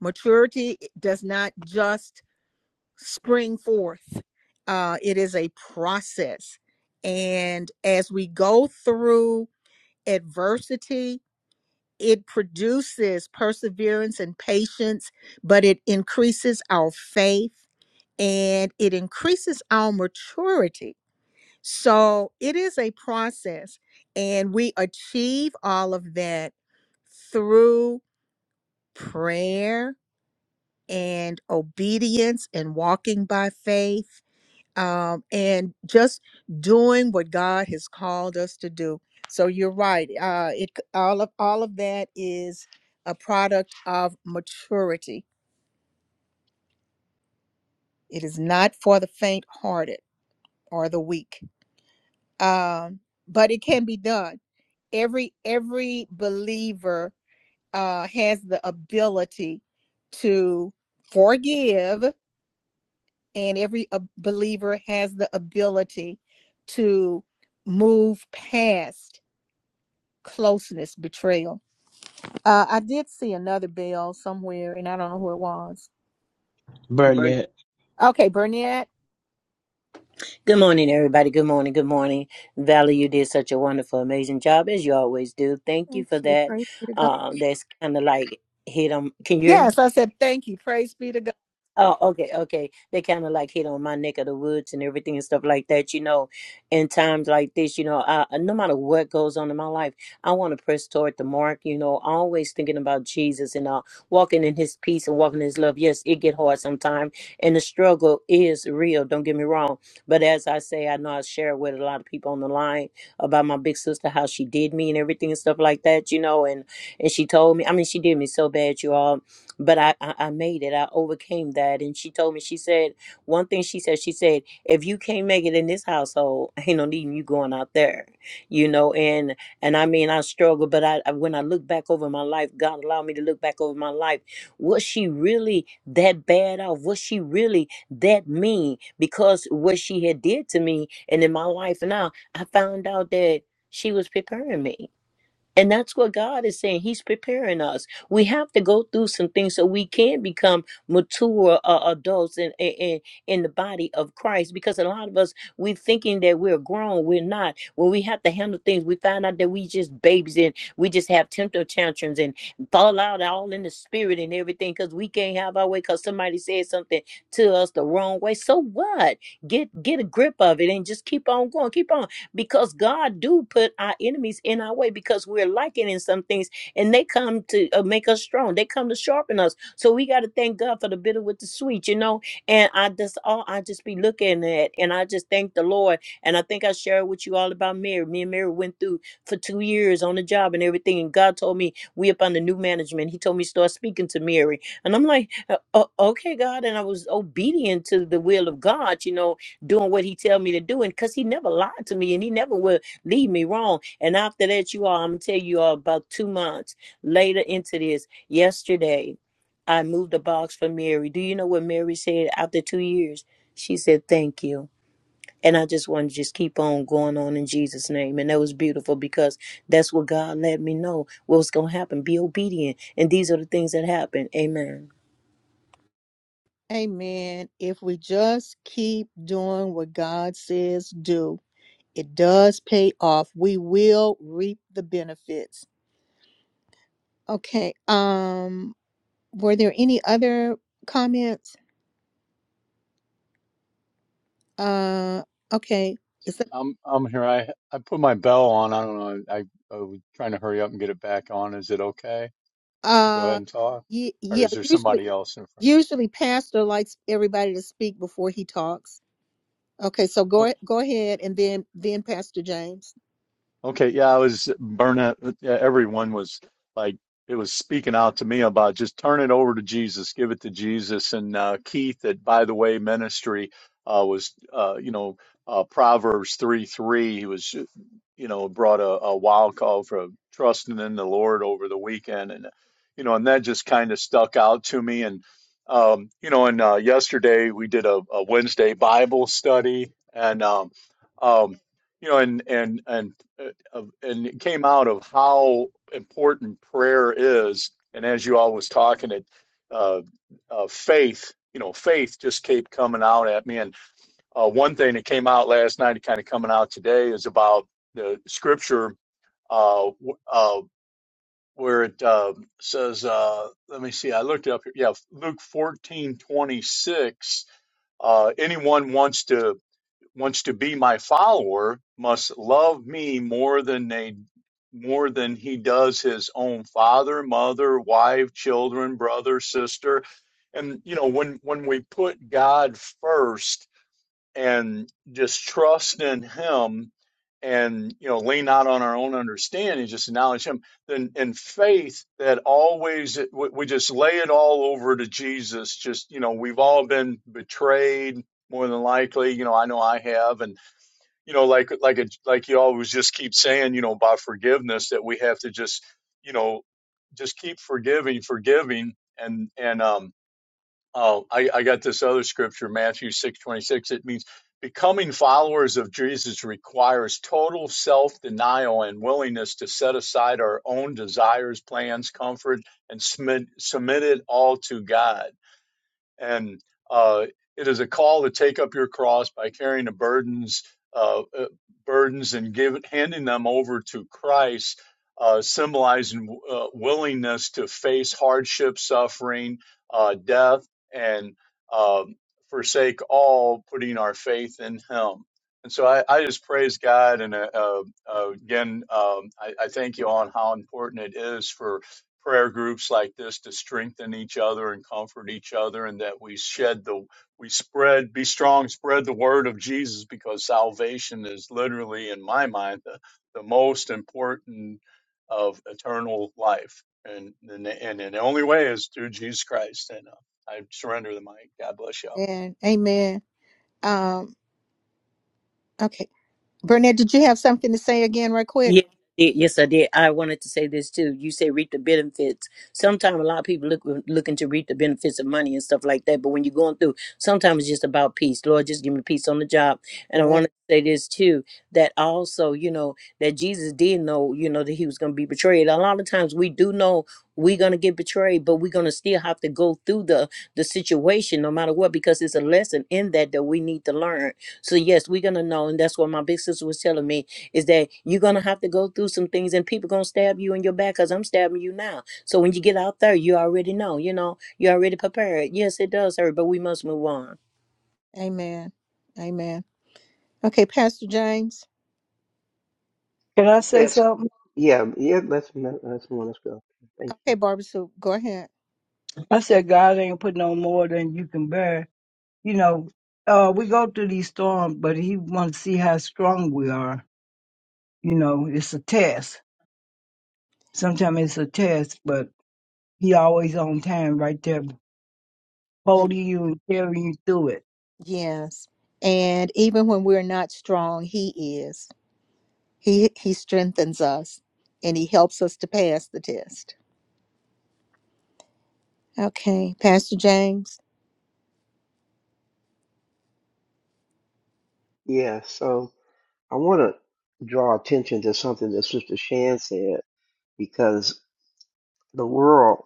A: Maturity does not just spring forth. Uh it is a process. And as we go through adversity, it produces perseverance and patience, but it increases our faith and it increases our maturity. So it is a process, and we achieve all of that through prayer and obedience and walking by faith um, and just doing what God has called us to do. So you're right. Uh, it all of all of that is a product of maturity. It is not for the faint-hearted or the weak, um, but it can be done. Every every believer uh, has the ability to forgive, and every uh, believer has the ability to move past closeness betrayal. Uh, I did see another bell somewhere, and I don't know who it was.
E: But
G: Burnett,
A: Okay, Burnett.
L: Good morning, everybody. Good morning. Good morning. Valerie, you did such a wonderful, amazing job as you always do. Thank you
A: Thank
L: for
A: you.
L: that.
A: Praise be to God.
L: Um, that's kind of like hit on. Can you hear me?
A: Yes, I said thank you. Praise be to God.
L: Oh, okay, okay. They kind of like hit on my neck of the woods and everything and stuff like that, you know. In times like this, you know, I, I- no matter what goes on in my life, I want to press toward the mark, you know, always thinking about Jesus and uh, walking in his peace and walking in his love. Yes, it get hard sometimes, and the struggle is real, don't get me wrong. But as I say, I know I share with a lot of people on the line about my big sister, how she did me and everything and stuff like that, you know, and and she told me, I mean, she did me so bad, you all but I, I i made it i overcame that and she told me she said one thing she said she said if you can't make it in this household ain't no need in you going out there you know and and i mean i struggled. but I I- when i look back over my life god allowed me to look back over my life was she really that bad off was she really that mean because what she had did to me and in my life now i found out that she was preparing me and that's what God is saying. He's preparing us. We have to go through some things so we can become mature uh, adults in, in in the body of Christ. Because a lot of us we're thinking that we're grown, we're not. When we have to handle things, we find out that we just babies and we just have temper tantrums and fall out all in the spirit and everything because we can't have our way because somebody said something to us the wrong way. So what? Get get a grip of it and just keep on going. Keep on because God do put our enemies in our way because we're lacking in some things and they come to uh, make us strong. They come to sharpen us. So we got to thank God for the bitter with the sweet, you know. And I just all I just be looking at and I just thank the Lord. And I think I shared with you all about Mary. Me and Mary went through for two years on the job and everything. And God told me we up under new management. He told me start speaking to Mary, and I'm like, "Uh, uh, okay, God. And I was obedient to the will of God, you know doing what he tell me to do and because he never lied to me and he never will lead me wrong and after that you all i'm gonna tell you all about two months later into this yesterday i moved a box for mary do you know what mary said after two years she said thank you and i just want to just keep on going on in jesus name and that was beautiful because that's what god let me know what was gonna happen be obedient and these are the things that happen amen
A: Amen. If we just keep doing what God says do, it does pay off. We will reap the benefits. Okay. Um were there any other comments? Uh okay. Is that
F: I'm I'm here. I I put my bell on. I don't know. I, I was trying to hurry up and get it back on. Is it okay to go ahead
A: uh
F: and talk,
A: yeah,
F: or
A: yeah,
F: is there
A: usually
F: somebody else in front?
A: Usually, pastor likes everybody to speak before he talks. Okay, so go go ahead, and then then Pastor James.
F: Okay, yeah, I was burning. yeah, Everyone was like, it was speaking out to me about just turn it over to Jesus, give it to Jesus. And uh, Keith, that by the way, ministry uh, was, uh, you know, uh, Proverbs 3 3. He was you know, brought a, a wow call from trusting in the Lord over the weekend, and you know, and that just kind of stuck out to me. And um, you know, and uh, yesterday we did a, a Wednesday Bible study, and um, um, you know, and and and uh, and it came out of how important prayer is. And as you all was talking, it uh, uh, faith, you know, faith just kept coming out at me, and uh, one thing that came out last night, and kind of coming out today, is about the scripture uh, w- uh, where it uh, says, uh, let me see, I looked it up here. Yeah, Luke fourteen twenty six. Uh, anyone wants to wants to be my follower must love me more than they more than he does his own father, mother, wife, children, brother, sister. And you know, when when we put God first, and just trust in him and you know lean not on our own understanding just acknowledge him then in faith that always we we just lay it all over to jesus just you know we've all been betrayed more than likely you know i know i have and you know like like a, like you always just keep saying you know about forgiveness that we have to just you know just keep forgiving forgiving and and um Oh, I, I got this other scripture, Matthew six twenty six. It means becoming followers of Jesus requires total self denial and willingness to set aside our own desires, plans, comfort, and submit, submit it all to God. And uh, it is a call to take up your cross by carrying the burdens, uh, uh, burdens, and give, handing them over to Christ, uh, symbolizing uh, willingness to face hardship, suffering, uh, death, and um, forsake all, putting our faith in Him. And so I, I just praise God, and uh, uh, uh, again, um, I, I thank you on how important it is for prayer groups like this to strengthen each other and comfort each other and that we shed the we spread be strong spread the word of jesus because salvation is literally in my mind the, the most important of eternal life and and, and the only way is through jesus christ and uh, i surrender the mic god bless you all
A: And amen. Um, okay, Burnett, did you have something to say again, right quick?
L: Yes, I did. Yes, I did. I wanted to say this too. You say reap the benefits. Sometimes a lot of people look looking to reap the benefits of money and stuff like that. But when you're going through, sometimes it's just about peace. Lord, just give me peace on the job. And I
A: Yeah.
L: wanted to say this too. That also, you know, that Jesus did know, you know, that he was going to be betrayed. A lot of times we do know we're going to get betrayed, but we're going to still have to go through the the situation no matter what because it's a lesson in that that we need to learn. So yes, we're going to know, and that's what my big sister was telling me is that you're gonna have to go through some things and people gonna stab you in your back because I'm stabbing you now. So when you get out there, you already know, you know, you already prepared. Yes, it does hurt, but we must move on.
A: Amen. Amen. Okay, Pastor James.
B: can I say
K: Yes.
B: something?
K: Yeah, yeah. Let's me- let's move. on. let's go. Thank
A: Okay,
K: you.
A: Barbara Sue, go ahead.
B: I said, God ain't put no more than you can bear. You know, uh, we go through these storms, but he wants to see how strong we are You know, it's a test. Sometimes it's a test, but he always on time right there,
A: That,
B: holding you and carrying you through it.
A: yes. And even when we're not strong, he is. He he strengthens us and he helps us to pass the test. Okay, Pastor James.
K: Yeah. So I want to draw attention to something that Sister Shan said because the world,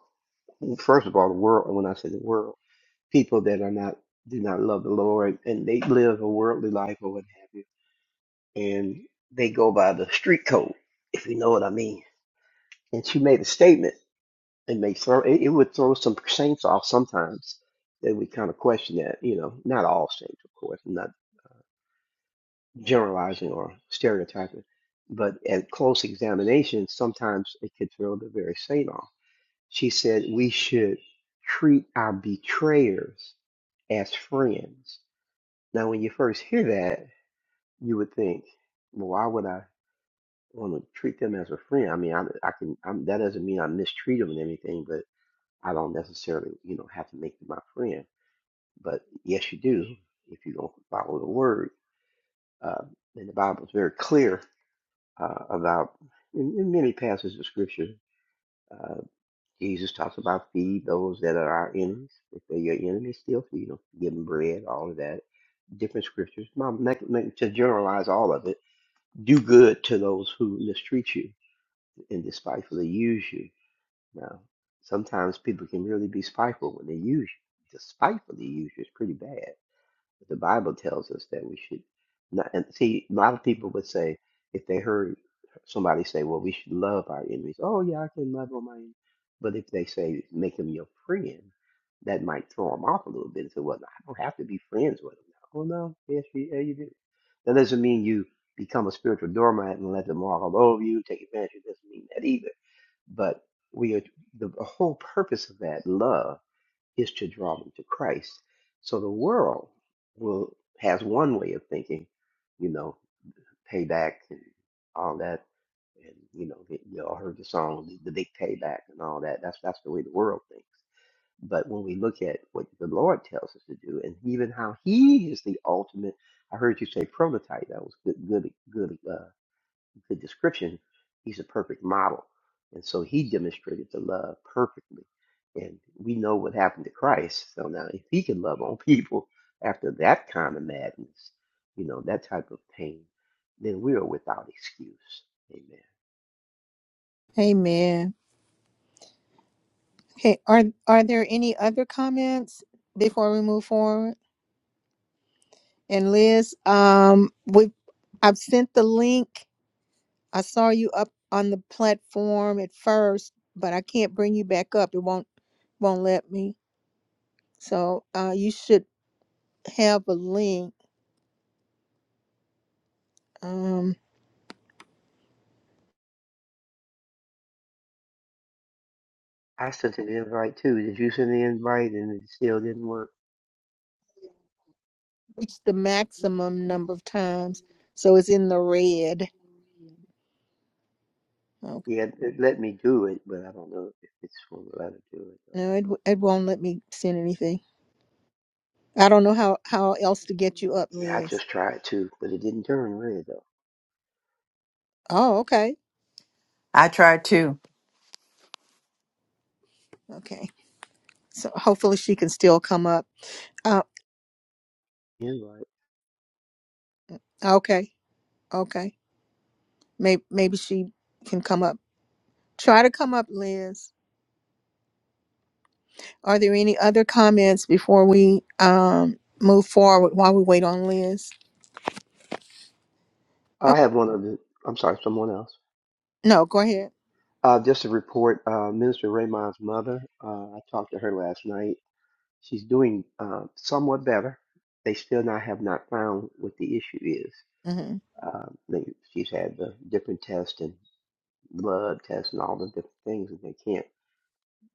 K: first of all, the world. When I say the world, people that are not do not love the Lord and they live a worldly life or what have you, and they go by the street code, if you know what I mean. And she made a statement It may throw it, it would throw some saints off sometimes. They would kind of question that, you know, not all saints, of course, I'm not generalizing or stereotyping, but at close examination, sometimes it could throw the very saint off. She said we should treat our betrayers as friends. Now, when you first hear that, you would think, well, why would I want to treat them as a friend? I mean, I, I can, I'm, that doesn't mean I mistreat them or anything, I don't necessarily, you know, have to make you my friend, but yes, you do if you don't follow the word. Uh, and the Bible is very clear uh, about in, in many passages of Scripture. Uh, Jesus talks about feed those that are our enemies. If they're your enemies, still feed them. Give them bread, all of that. Different scriptures. Mom, make, make, to generalize all of it, do good to those who mistreat you and despitefully use you Now, sometimes people can really be spiteful when they use you. To spitefully use you is pretty bad. But the Bible tells us that we should not. And see, a lot of people would say if they heard somebody say, "Well, we should love our enemies." Oh, yeah, I can love all my enemies. But if they say, "Make them your friend," that might throw them off a little bit and say, "Well, I don't have to be friends with them." Oh no, yes, you, yeah, you do. That doesn't mean you become a spiritual doormat and let them walk all over you, take advantage. It doesn't mean that either but we are the, the whole purpose of that love is to draw them to Christ. So the world will has one way of thinking, you know, payback and all that, and you know, you you all heard the song, the, the big payback and all that. That's that's the way the world thinks. But when we look at what the Lord tells us to do, and even how He is the ultimate, I heard you say prototype. That was good, good, good uh, the description, he's a perfect model. And so he demonstrated the love perfectly. And we know what happened to Christ. So now if he can love on people after that kind of madness, you know, that type of pain, then we are without excuse. Amen.
A: Amen. Okay, are are there any other comments before we move forward? And Liz, um, we I've sent the link. I saw you up on the platform at first, but I can't bring you back up. It won't won't let me. So uh, you should have a link. Um,
K: I sent an invite too. Did you send the invite and it still didn't work?
A: reach the maximum number of times. So it's in the red. Okay.
K: Yeah, it let me do it, but I don't know if it's going to let her do it.
A: No, it w- it won't let me send anything. I don't know how how else to get you up,
K: Yeah, I
A: Liz.
K: just tried to, but it didn't turn red though.
A: Oh, okay.
H: I tried to.
A: Okay. So hopefully she can still come up. Uh,
K: Yeah, right.
A: okay. Okay. Maybe maybe she can come up. Try to come up, Liz. Are there any other comments before we um move forward while we wait on Liz? Oh,
K: I have one of the. I'm sorry, someone else.
A: no, go ahead.
K: Uh, just to report, uh, Minister Raymond's mother. Uh, I talked to her last night. She's doing uh, somewhat better. They still not have not found what the issue is.
A: hmm
K: Uh, they, she's had the different tests and blood tests and all the different things, and they can't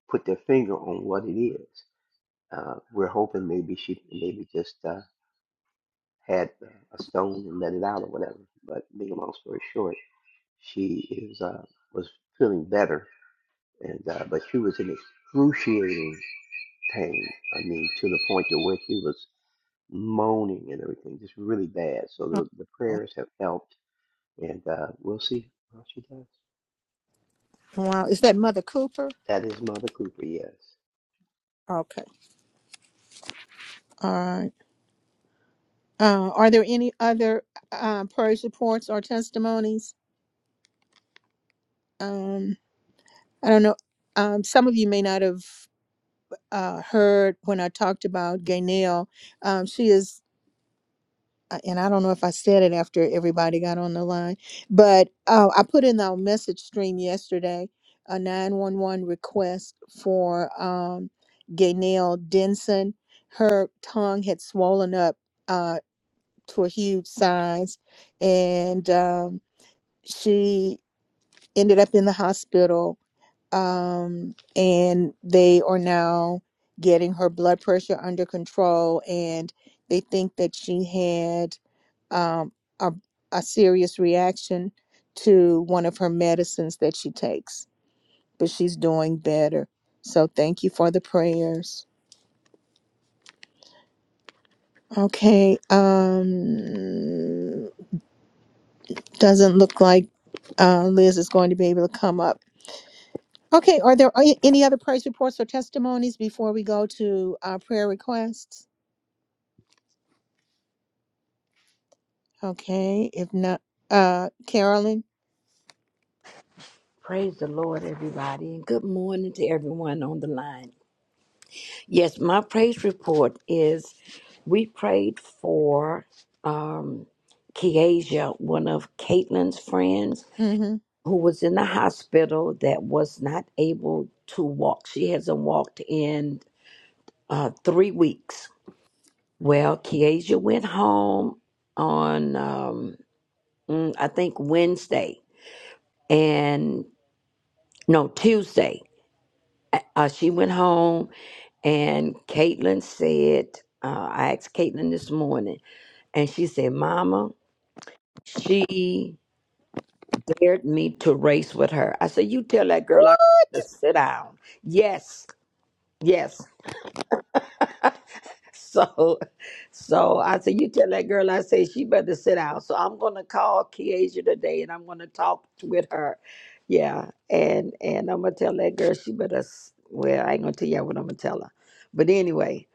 K: put their finger on what it is. Uh, we're hoping maybe she maybe just uh, had a stone and let it out or whatever. But being a long story short, she is uh, was feeling better, and uh, but she was in excruciating pain. I mean, to the point to where she was moaning and everything, just really bad. So the, the prayers have helped, and uh, we'll see how she does.
A: Wow, is that Mother Cooper?
K: That is Mother Cooper, yes.
A: Okay. All right. Uh, are there any other uh, praise reports or testimonies? Um, I don't know. Um, some of you may not have uh, heard when I talked about Gaynell. Um, she is, uh, and I don't know if I said it after everybody got on the line, but uh, I put in our message stream yesterday a 911 request for um, Gaynell Denson. Her tongue had swollen up uh, to a huge size, and um, she ended up in the hospital um, and they are now getting her blood pressure under control and they think that she had um, a, a serious reaction to one of her medicines that she takes but she's doing better so thank you for the prayers okay um doesn't look like uh, liz is going to be able to come up Okay, are there a- any other praise reports or testimonies before we go to our prayer requests? Okay, if not, uh, Carolyn.
M: Praise the Lord, everybody, and good morning to everyone on the line. Yes, my praise report is we prayed for um, Keasia, one of Caitlin's friends
A: Mm-hmm.
M: who was in the hospital that was not able to walk. She hasn't walked in uh, three weeks. Well, Keasia went home on, um, mm, I think, Wednesday and no, Tuesday. Uh, she went home And Caitlin said, uh, I asked Caitlin this morning, and she said, Mama, she dared me to race with her. I said, You tell that girl I to sit down. Yes, yes. So, so I said, you tell that girl, I say she better sit down. So I'm gonna call Kiesha today, and I'm gonna talk with her. Yeah, and and I'm gonna tell that girl she better. s- Well, I ain't gonna tell y'all what I'm gonna tell her, but anyway,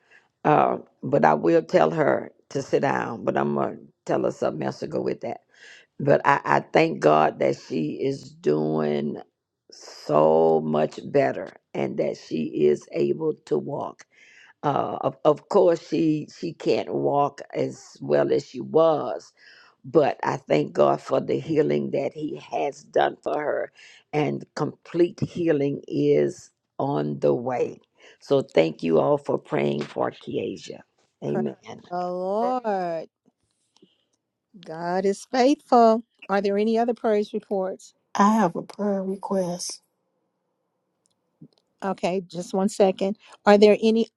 M: uh, but I will tell her to sit down. But I'm gonna tell her something else to go with that. But I, I thank God that she is doing so much better, and that she is able to walk uh, of, of course she she can't walk as well as she was but i thank god for the healing that he has done for her and complete healing is on the way so thank you all for praying for Kiesia.
A: Praise
M: amen
A: the Lord. God is faithful. Are there any other praise reports?
N: I have a prayer request.
A: Okay, just one second. Are there any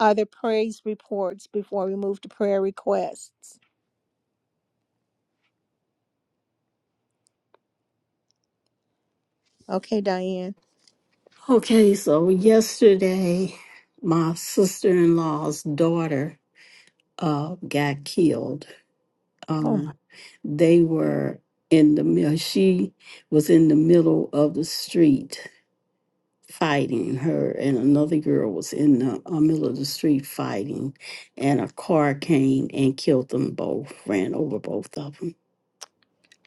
A: other praise reports before we move to prayer requests? Okay, Diane.
N: Okay, so yesterday, my sister-in-law's daughter uh, got killed.
A: Oh, my,
N: Um, they were in the middle. She was in the middle of the street fighting. Her and another girl was in the uh, middle of the street fighting, and a car came and killed them both. Ran over both of them.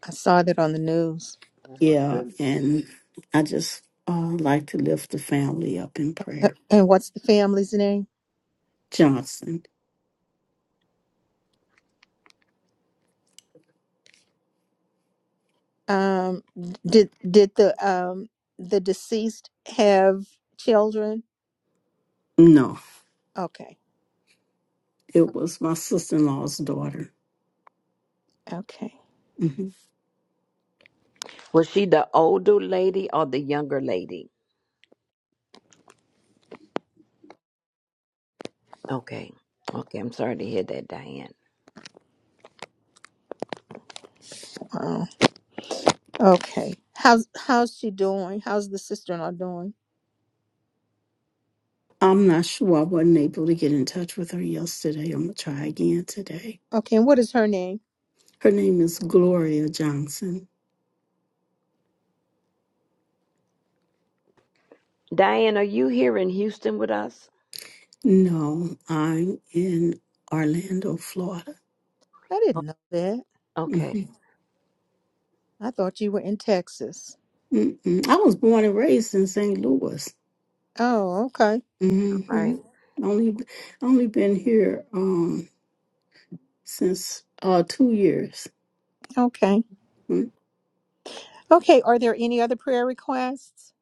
A: I saw that on the news.
K: Oh my
N: Yeah,
K: goodness.
N: and I just uh, like to lift the family up in
A: Uh,
N: prayer.
A: And what's the family's name?
N: Johnson.
A: Um, did did the um the deceased have children?
N: No,
A: Okay,
N: it was my sister in law's daughter.
A: okay,
N: hmm
M: was she the older lady or the younger lady okay okay i'm sorry to hear that diane
A: wow, okay. How's how's she doing? How's the sister-in-law doing?
N: I'm not sure. I wasn't able to get in touch with her yesterday. I'm going to try again today.
A: Okay, and what is her name?
N: Her name is Gloria Johnson.
M: diane are you here in houston with us
N: No, I'm in Orlando, Florida.
A: I didn't know that.
M: okay
N: Mhm.
A: I thought you were in Texas.
N: Mm-mm. I was born and raised in St. Louis.
A: Oh, okay,
M: all
N: hmm
M: right.
N: Only, only been here um, since uh, two years.
A: okay,
N: Mm-hmm.
A: okay. Are there any other prayer requests?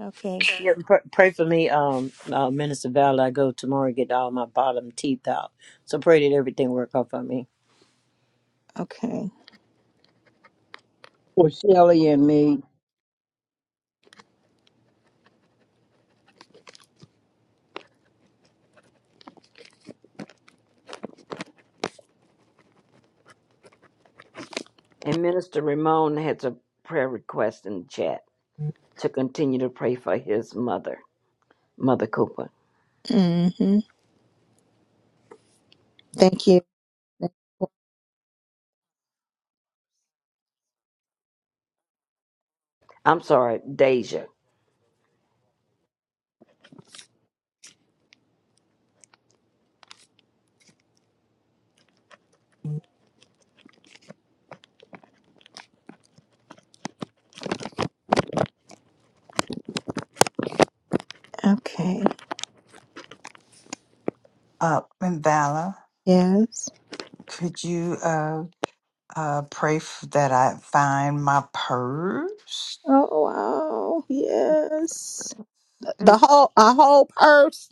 A: Okay,
L: Yeah, pr- pray for me, um, uh, Minister Val. I go tomorrow and get all my bottom teeth out. So pray that everything work out for me.
A: okay.
B: For Shelly and me,
M: And Minister Ramon has a prayer request in the chat to continue to pray for his mother, Mother Cooper.
A: Mm-hmm. Thank you.
M: I'm sorry, Deja.
A: Okay.
H: Uh, and Vala,
A: Yes.
H: could you uh, uh, pray f- that I find my purse?
A: Oh wow. Yes. The whole a whole purse.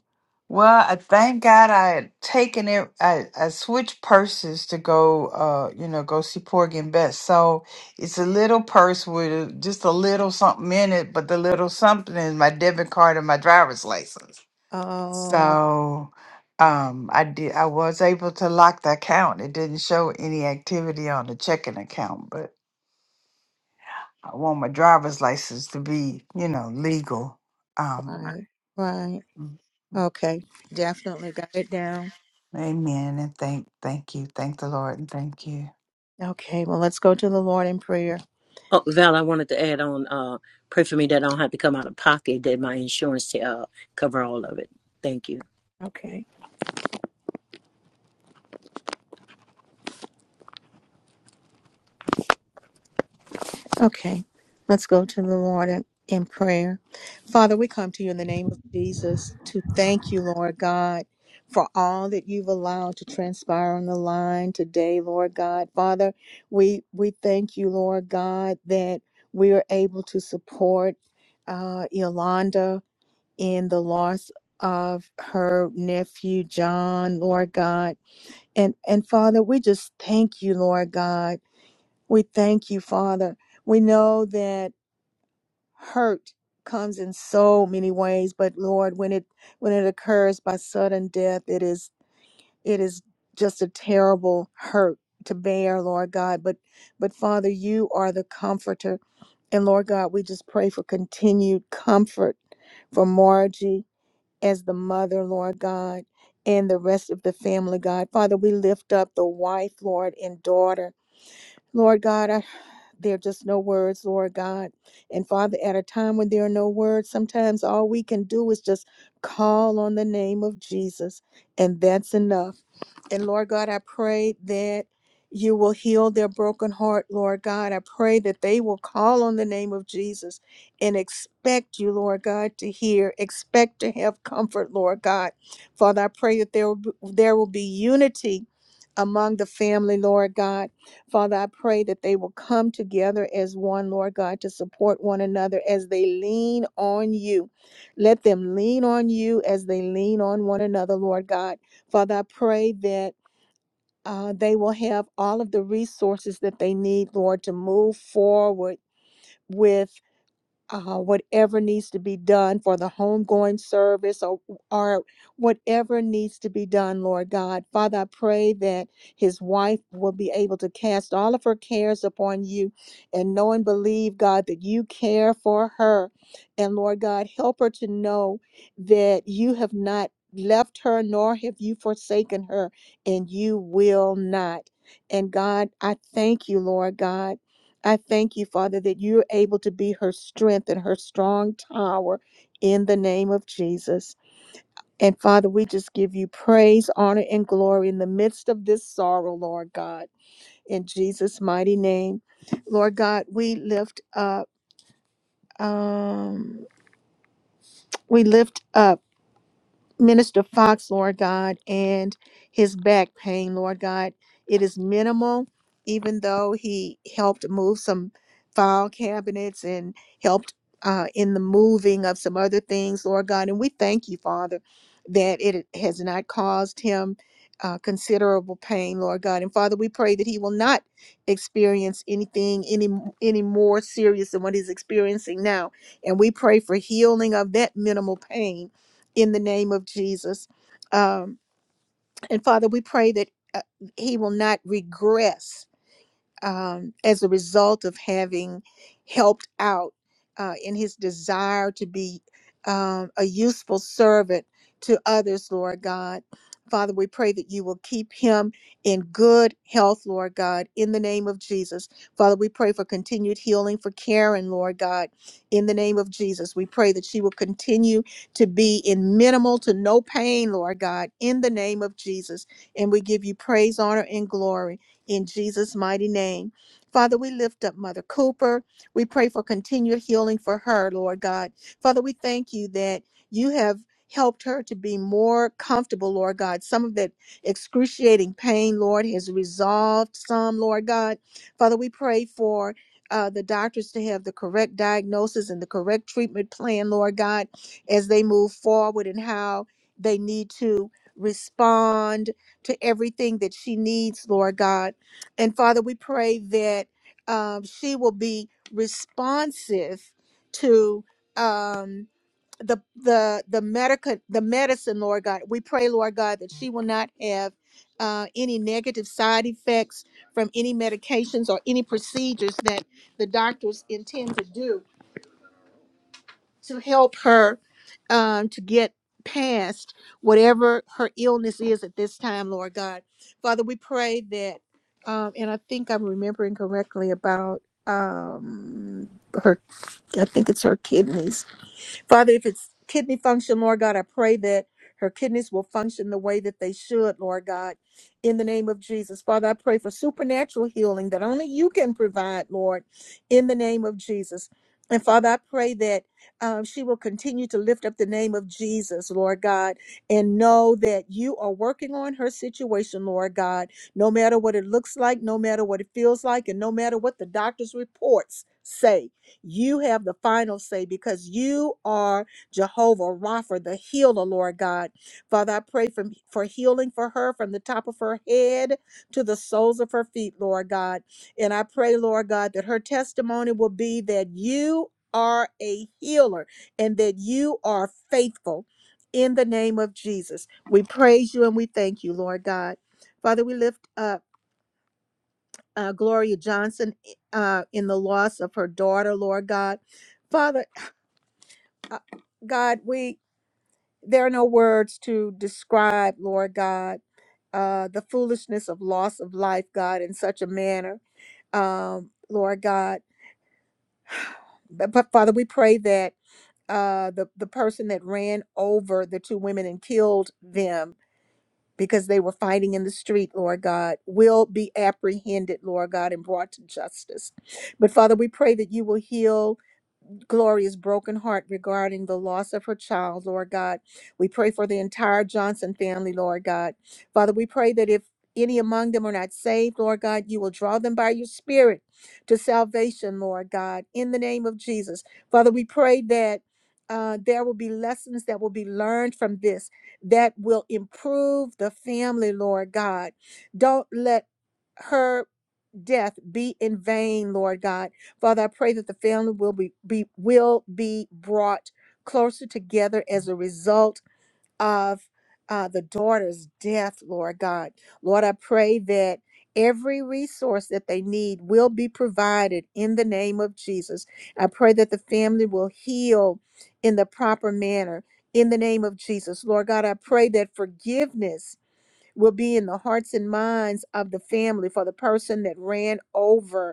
H: Well, I thank God I had taken it. I, I switched purses to go, uh, you know, go see Porgy and Bess. So it's a little purse with a- just a little something in it, but the little something is my debit card and my driver's license.
A: Oh,
H: So, um, I did. I was able to lock the account. It didn't show any activity on the checking account, but I want my driver's license to be, you know, legal. Um, Right.
A: right, right.
H: mm,
A: Okay, definitely got it down.
H: amen. And thank, thank you, thank the Lord, and thank you.
A: Okay, well, let's go to the Lord in prayer.
L: Oh, Val, I wanted to add on. Uh, pray for me that I don't have to come out of pocket. That my insurance uh cover all of it. Thank you.
A: Okay, okay, let's go to the Lord in, in prayer. Father, we come to you in the name of Jesus to thank you, Lord God, for all that you've allowed to transpire on the line today, Lord God. Father, we we thank you, Lord God, that we are able to support uh, Yolanda. in the loss of her nephew John, Lord God. And and Father, we just thank you, Lord God. We thank you, Father. We know that hurt comes in so many ways, but Lord, when it when it occurs by sudden death, it is it is just a terrible hurt to bear, Lord God. But but Father, you are the comforter. And Lord God, we just pray for continued comfort for Margie as the mother, Lord God, and the rest of the family, God. Father, we lift up the wife, Lord, and daughter. Lord God, I, there are just no words, Lord God. And Father, at a time when there are no words, sometimes all we can do is just call on the name of Jesus, and that's enough. And Lord God, I pray that you will heal their broken heart, Lord God. I pray that they will call on the name of Jesus and expect you, Lord God, to hear, expect to have comfort, Lord God. Father, I pray that there will be, there will be unity among the family, Lord God. Father, I pray that they will come together as one, Lord God, to support one another as they lean on you. Let them lean on you as they lean on one another, Lord God. Father, I pray that uh, they will have all of the resources that they need, Lord, to move forward with uh, whatever needs to be done for the homegoing service or, or whatever needs to be done, Lord God. Father, I pray that his wife will be able to cast all of her cares upon you and know and believe, God, that you care for her. And Lord God, help her to know that you have not left her nor have you forsaken her, and you will not. And God, I thank you, Lord God. I thank you, Father, that you're able to be her strength and her strong tower in the name of Jesus. And Father, we just give you praise, honor, and glory in the midst of this sorrow, Lord God, in Jesus' mighty name. Lord God, we lift up, um, we lift up. Minister Fox, Lord God, and his back pain, Lord God. It is minimal, even though he helped move some file cabinets and helped uh, in the moving of some other things, Lord God. And we thank you, Father, that it has not caused him uh, considerable pain, Lord God. And Father, we pray that he will not experience anything any any more serious than what he's experiencing now. And we pray for healing of that minimal pain in the name of Jesus. Um, and Father, we pray that uh, he will not regress um, as a result of having helped out uh, in his desire to be um, a useful servant to others, Lord God. Father, we pray that you will keep him in good health, Lord God, in the name of Jesus. Father, we pray for continued healing for Karen, Lord God, in the name of Jesus. We pray that she will continue to be in minimal to no pain, Lord God, in the name of Jesus. And we give you praise, honor, and glory in Jesus' mighty name. Father, we lift up Mother Cooper. We pray for continued healing for her, Lord God. Father, we thank you that you have helped her to be more comfortable, Lord God. Some of that excruciating pain, Lord, has resolved some, Lord God. Father, we pray for. Uh, the doctors to have the correct diagnosis and the correct treatment plan, Lord God, as they move forward and how they need to respond to everything that she needs, Lord God and Father, we pray that um, she will be responsive to um, the the the medica the medicine, Lord God. We pray, Lord God, that she will not have uh, any negative side effects from any medications or any procedures that the doctors intend to do to help her um, to get past whatever her illness is at this time, Lord God. Father, we pray that, um, and I think I'm remembering correctly about um, her, I think it's her kidneys Father, if it's kidney function, Lord God, I pray that her kidneys will function the way that they should, Lord God, in the name of Jesus. Father, I pray for supernatural healing that only you can provide, Lord, in the name of Jesus. And Father, I pray that um, she will continue to lift up the name of Jesus, Lord God, and know that you are working on her situation, Lord God, no matter what it looks like, no matter what it feels like, and no matter what the doctor's reports say. You have the final say because you are Jehovah Rapha, the healer, Lord God. Father, I pray for, for healing for her from the top of her head to the soles of her feet, Lord God. And I pray, Lord God, that her testimony will be that you are a healer and that you are faithful. In the name of Jesus, we praise you and we thank you, Lord God. Father, we lift up uh, Gloria Johnson uh, in the loss of her daughter, Lord God. Father, uh, God, we there are no words to describe, Lord God, uh, the foolishness of loss of life, God, in such a manner, um, Lord God. But, but Father, we pray that uh, the the person that ran over the two women and killed them because they were fighting in the street, Lord God, will be apprehended, Lord God, and brought to justice. But Father, we pray that you will heal Gloria's broken heart regarding the loss of her child, Lord God. We pray for the entire Johnson family, Lord God. Father, we pray that if any among them are not saved, Lord God, you will draw them by your spirit to salvation, Lord God, in the name of Jesus. Father, we pray that uh, there will be lessons that will be learned from this that will improve the family, Lord God. Don't let her death be in vain, Lord God. Father, I pray that the family will be, be will be brought closer together as a result of uh, the daughter's death, Lord God. Lord, I pray that every resource that they need will be provided in the name of Jesus. I pray that the family will heal in the proper manner in the name of Jesus. Lord God, I pray that forgiveness will be in the hearts and minds of the family for the person that ran over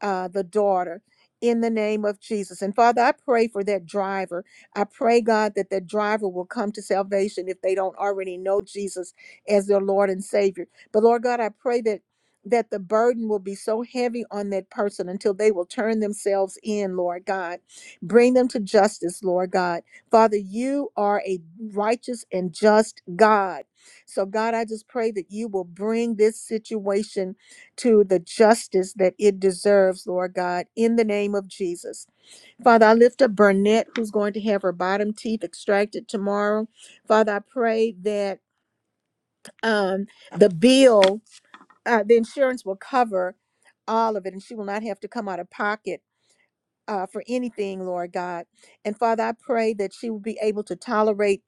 A: uh, the daughter in the name of Jesus. And Father, I pray for that driver. I pray, God, that that driver will come to salvation if they don't already know Jesus as their Lord and Savior. But Lord God, I pray that that the burden will be so heavy on that person until they will turn themselves in, Lord God. Bring them to justice, Lord God. Father, you are a righteous and just God. So God, I just pray that you will bring this situation to the justice that it deserves, Lord God, in the name of Jesus. Father, I lift up Burnett, who's going to have her bottom teeth extracted tomorrow. Father, I pray that um, the bill, uh, the insurance will cover all of it, and she will not have to come out of pocket uh, for anything, Lord God. And Father, I pray that she will be able to tolerate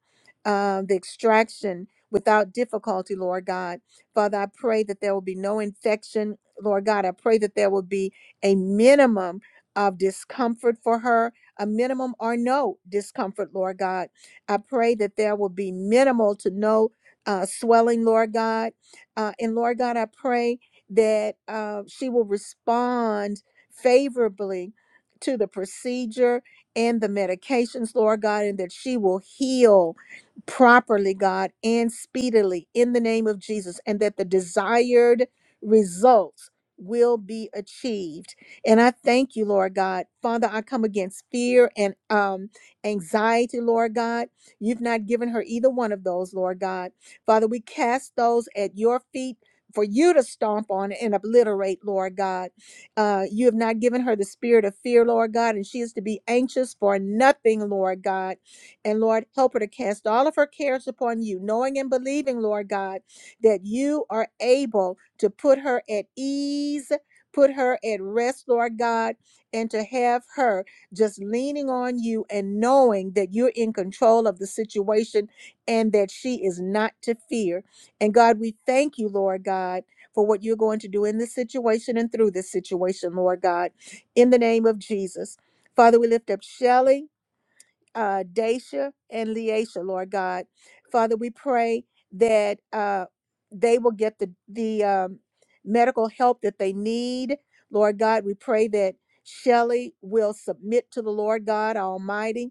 A: um, the extraction without difficulty, Lord God. Father, I pray that there will be no infection, Lord God. I pray that there will be a minimum of discomfort for her, a minimum or no discomfort, Lord God. I pray that there will be minimal to no uh, swelling, Lord God. Uh, and Lord God, I pray that uh, she will respond favorably to the procedure and the medications, Lord God, and that she will heal properly, God, and speedily in the name of Jesus, and that the desired results will be achieved. And I thank you, Lord God. Father, I come against fear and um anxiety, Lord God. You've not given her either one of those, Lord God. Father, we cast those at your feet for you to stomp on and obliterate, Lord God. Uh, you have not given her the spirit of fear, Lord God, and she is to be anxious for nothing, Lord God. And Lord, help her to cast all of her cares upon you, knowing and believing, Lord God, that you are able to put her at ease, put her at rest, Lord God, and to have her just leaning on you and knowing that you're in control of the situation and that she is not to fear. And God, we thank you, Lord God for what you're going to do in this situation and through this situation, Lord God, in the name of Jesus. Father, we lift up Shelly, uh, Daisha, and Leisha, Lord God. Father, we pray that uh, they will get the, the um, medical help that they need. Lord God, we pray that Shelly will submit to the Lord God Almighty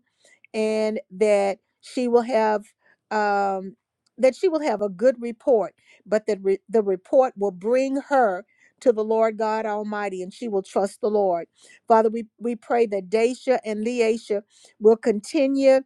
A: and that she will have um, that she will have a good report, but that re- the report will bring her to the Lord God Almighty, and she will trust the Lord. Father, we we pray that Daisha and Leisha will continue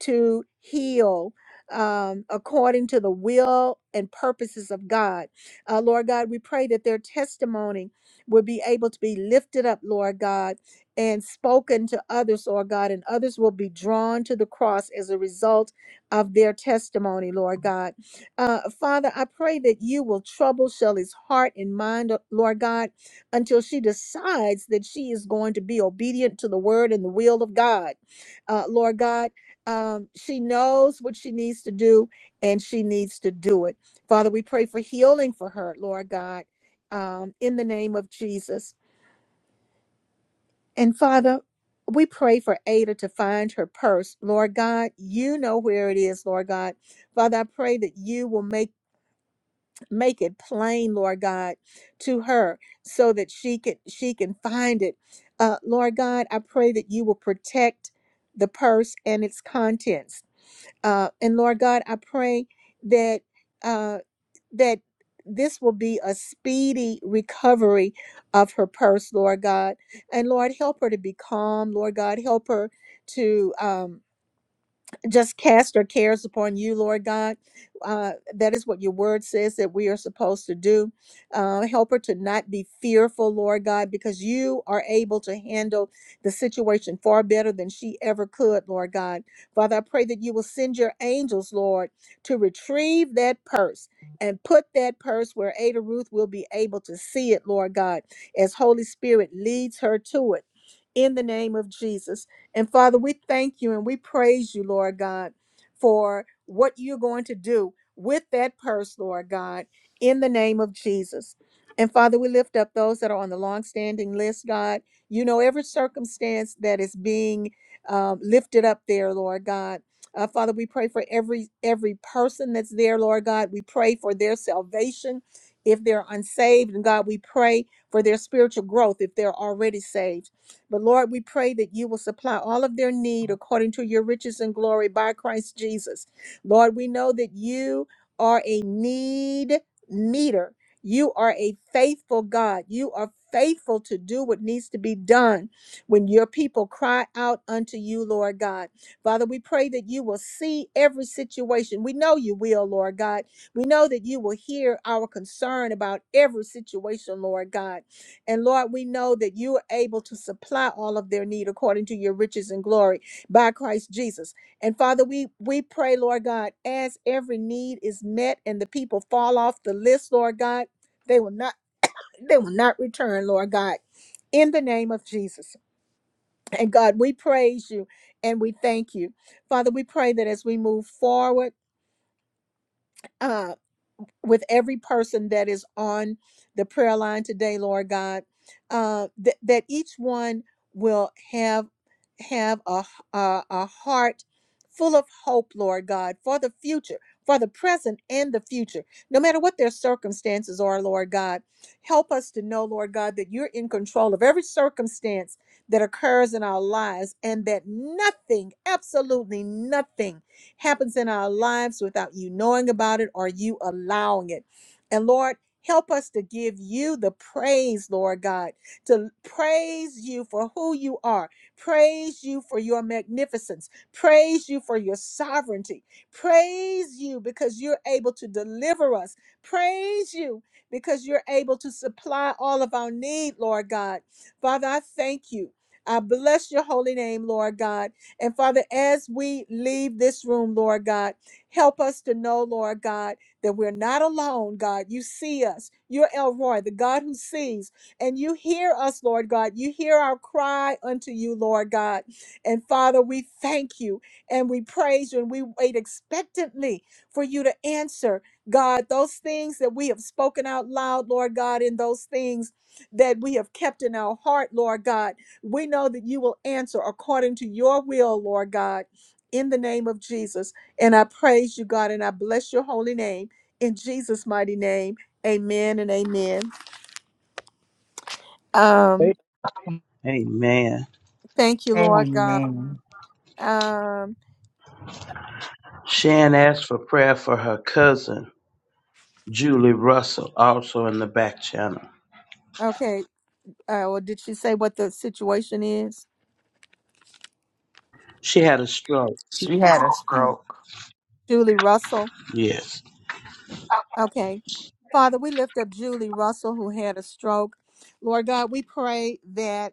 A: to heal um, according to the will and purposes of God. Uh, Lord God, we pray that their testimony will be able to be lifted up, Lord God and spoken to others, Lord God, and others will be drawn to the cross as a result of their testimony, Lord God. Uh, Father, I pray that you will trouble Shelley's heart and mind, uh, Lord God, until she decides that she is going to be obedient to the word and the will of God, uh, Lord God. Um, she knows what she needs to do and she needs to do it. Father, we pray for healing for her, Lord God, um, in the name of Jesus. And Father, we pray for Ada to find her purse. Lord God, you know where it is, Lord God. Father, I pray that you will make make it plain lord god to her so that she can she can find it uh, lord god i pray that you will protect the purse and its contents uh, and lord god i pray that uh, that this will be a speedy recovery of her purse lord god and lord help her to be calm lord god help her to um, just cast our cares upon you, Lord God. Uh, that is what your word says that we are supposed to do. Uh, help her to not be fearful, Lord God, because you are able to handle the situation far better than she ever could, Lord God. Father, I pray that you will send your angels, Lord, to retrieve that purse and put that purse where Ada Ruth will be able to see it, Lord God, as Holy Spirit leads her to it. In the name of Jesus. And Father, we thank you and we praise you, Lord God, for what you're going to do with that purse, Lord God, in the name of Jesus. And Father, we lift up those that are on the long-standing list, God. You know every circumstance that is being um, lifted up there, Lord God. Uh, Father, we pray for every every person that's there, Lord God. We pray for their salvation if they're unsaved, and God, we pray for their spiritual growth if they're already saved. But Lord, we pray that you will supply all of their need according to your riches and glory by Christ Jesus. Lord, we know that you are a need meter. You are a faithful God. You are faithful to do what needs to be done when your people cry out unto you, Lord God. Father, we pray that you will see every situation. We know you will, Lord God. We know that you will hear our concern about every situation, Lord God. And Lord, we know that you are able to supply all of their need according to your riches and glory by Christ Jesus. And Father, we we pray, Lord God, as every need is met and the people fall off the list, Lord God, they will not they will not return, Lord God. In the name of Jesus. And God, we praise you and we thank you. Father, we pray that as we move forward, uh, with every person that is on the prayer line today, Lord God, uh, that that each one will have have a a a heart full of hope, Lord God, for the future, for the present and the future, no matter what their circumstances are, Lord God. Help us to know, Lord God, that you're in control of every circumstance that occurs in our lives and that nothing, absolutely nothing, happens in our lives without you knowing about it or you allowing it. And Lord, help us to give you the praise, Lord God, to praise you for who you are, praise you for your magnificence, praise you for your sovereignty, praise you because you're able to deliver us, praise you because you're able to supply all of our need, Lord God. Father, I thank you. I bless your holy name, Lord God. And Father, as we leave this room, Lord God, help us to know, Lord God, that we're not alone, God. You see us. You're Elroy, the God who sees, and you hear us, Lord God. You hear our cry unto you, Lord God. And Father, we thank you and we praise you and we wait expectantly for you to answer, God, those things that we have spoken out loud, Lord God, and those things that we have kept in our heart, Lord God. We know that you will answer according to your will, Lord God, in the name of Jesus. And I praise you, God, and I bless your holy name in Jesus' mighty name. Amen and amen. Um,
B: it,
G: amen.
A: thank you, Lord God.
H: Amen.
A: Um,
G: Shan asked for prayer for her cousin Julie Russell, also in the back channel.
A: okay. Uh, well, did she say what the situation is?
G: She had a stroke.
H: She had a stroke.
A: Julie Russell.
G: Yes.
A: Okay. Father, we lift up Julie Russell, who had a stroke. Lord God, we pray that.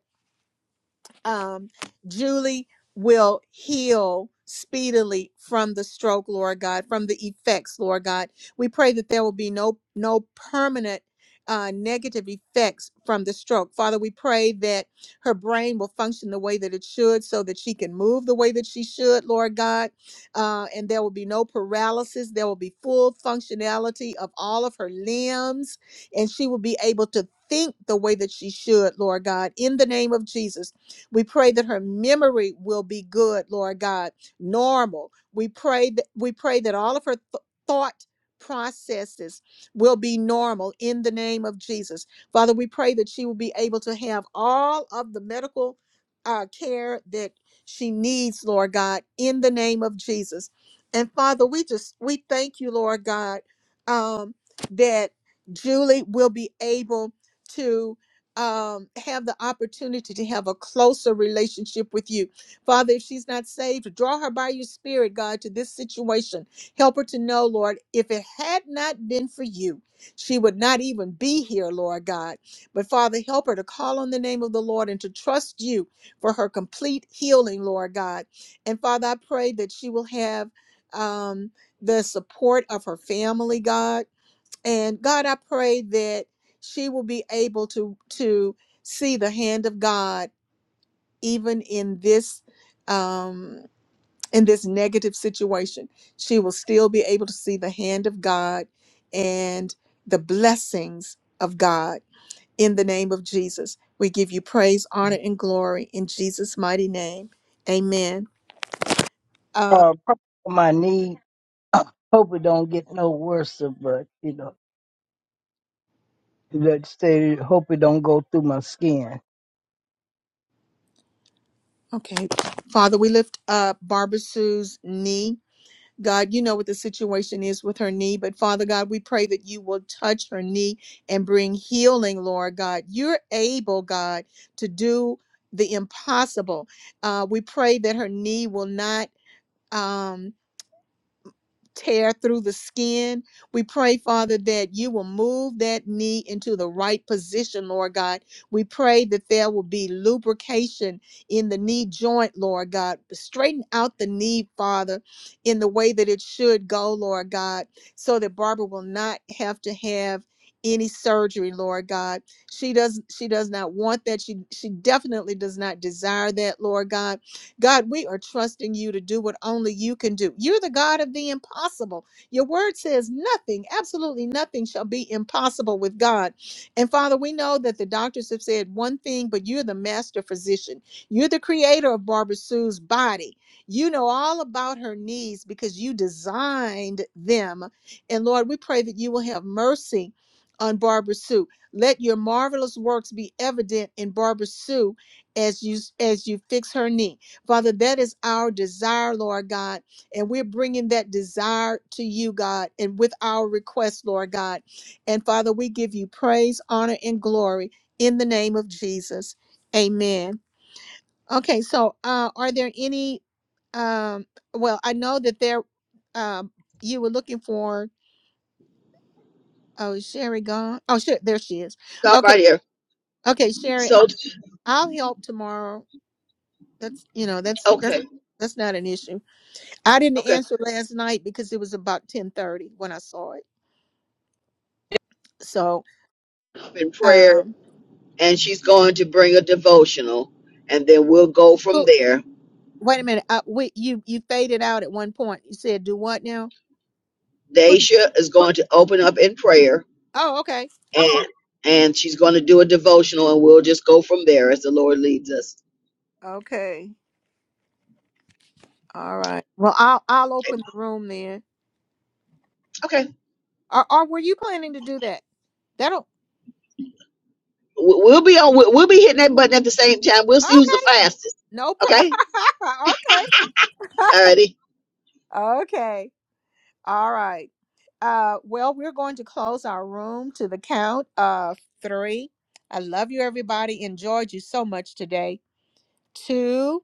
A: um, Julie will heal speedily from the stroke, Lord God, from the effects, Lord God. We pray that there will be no no permanent uh, negative effects from the stroke. Father, we pray that her brain will function the way that it should so that she can move the way that she should, Lord God. Uh, and there will be no paralysis. There will be full functionality of all of her limbs, and she will be able to think the way that she should, Lord God, in the name of Jesus. We pray that her memory will be good, Lord God, normal. We pray that we pray that all of her th- thought processes will be normal in the name of Jesus. Father, we pray that she will be able to have all of the medical uh, care that she needs, Lord God, in the name of Jesus. And Father, we just we thank you, Lord God, um, that Julie will be able to um, have the opportunity to have a closer relationship with you. Father, if she's not saved, draw her by your spirit, God, to this situation. Help her to know, Lord, if it had not been for you, she would not even be here, Lord God. But Father, help her to call on the name of the Lord and to trust you for her complete healing, Lord God. And Father, I pray that she will have um, the support of her family, God and God, I pray that she will be able to to see the hand of God even in this um in this negative situation. She will still be able to see the hand of God and the blessings of God in the name of Jesus. We give you praise, honor, and glory in Jesus' mighty name. Amen. Uh,
B: uh, probably my knee. hope it don't get no worse, but you know, let's say hope it don't go through my skin.
A: okay. Father, we lift up Barbara Sue's knee. God, you know what the situation is with her knee, but Father God, we pray that you will touch her knee and bring healing, Lord God. You're able, God, to do the impossible. Uh, we pray that her knee will not. um, tear through the skin. We pray, Father, that you will move that knee into the right position, Lord God. We pray that there will be lubrication in the knee joint, Lord God. Straighten out the knee, Father, in the way that it should go, Lord God, so that Barbara will not have to have any surgery lord god she does she does not want that she she definitely does not desire that lord god God, we are trusting you to do what only you can do. You're the God of the impossible. Your word says nothing, absolutely nothing shall be impossible with God. And Father, we know that the doctors have said one thing, but you're the master physician. You're the creator of Barbara Sue's body. You know all about her needs because you designed them. And Lord, we pray that you will have mercy on Barbara Sue. Let your marvelous works be evident in Barbara Sue as you as you fix her knee. Father, that is our desire, Lord God. And we're bringing that desire to you, God, and with our request, Lord God. And Father, we give you praise, honor, and glory in the name of Jesus. Amen. Okay, so uh, are there any? Um, well, I know that there um, you were looking for. Oh, is Sherry gone? Oh, sure, there she is.
E: Stop
A: Okay,
E: right here.
A: okay, Sherry,
E: So,
A: I'll help tomorrow. That's you know that's that's
E: okay,
A: that's not an issue. I didn't
E: okay.
A: answer last night because it was about ten thirty when I saw it. So,
E: Up in prayer,
A: um,
E: and she's going to bring a devotional, and then we'll go from
A: who,
E: there.
A: wait a minute. Uh, we, you you faded out at one point. You said do what now? Who? Did,
E: Daisha is going to open up in prayer,
A: oh, okay,
E: and and she's going to do a devotional, and we'll just go from there as the Lord leads us.
A: okay, all right. Well, I'll I'll open the room then.
E: Okay,
A: Or, or were you planning to do that? That'll
E: We- we'll be on. We'll we'll be hitting that button at the same time. We'll see who's the
A: okay.
E: fastest.
A: No problem.
E: Okay,
A: okay,
E: alrighty.
A: okay. All right. Uh, well, we're going to close our room to the count of three. I love you, everybody. Enjoyed you so much today. Two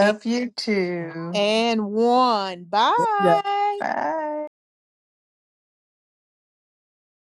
A: and,
H: you too.
A: and one. Bye.
H: Bye.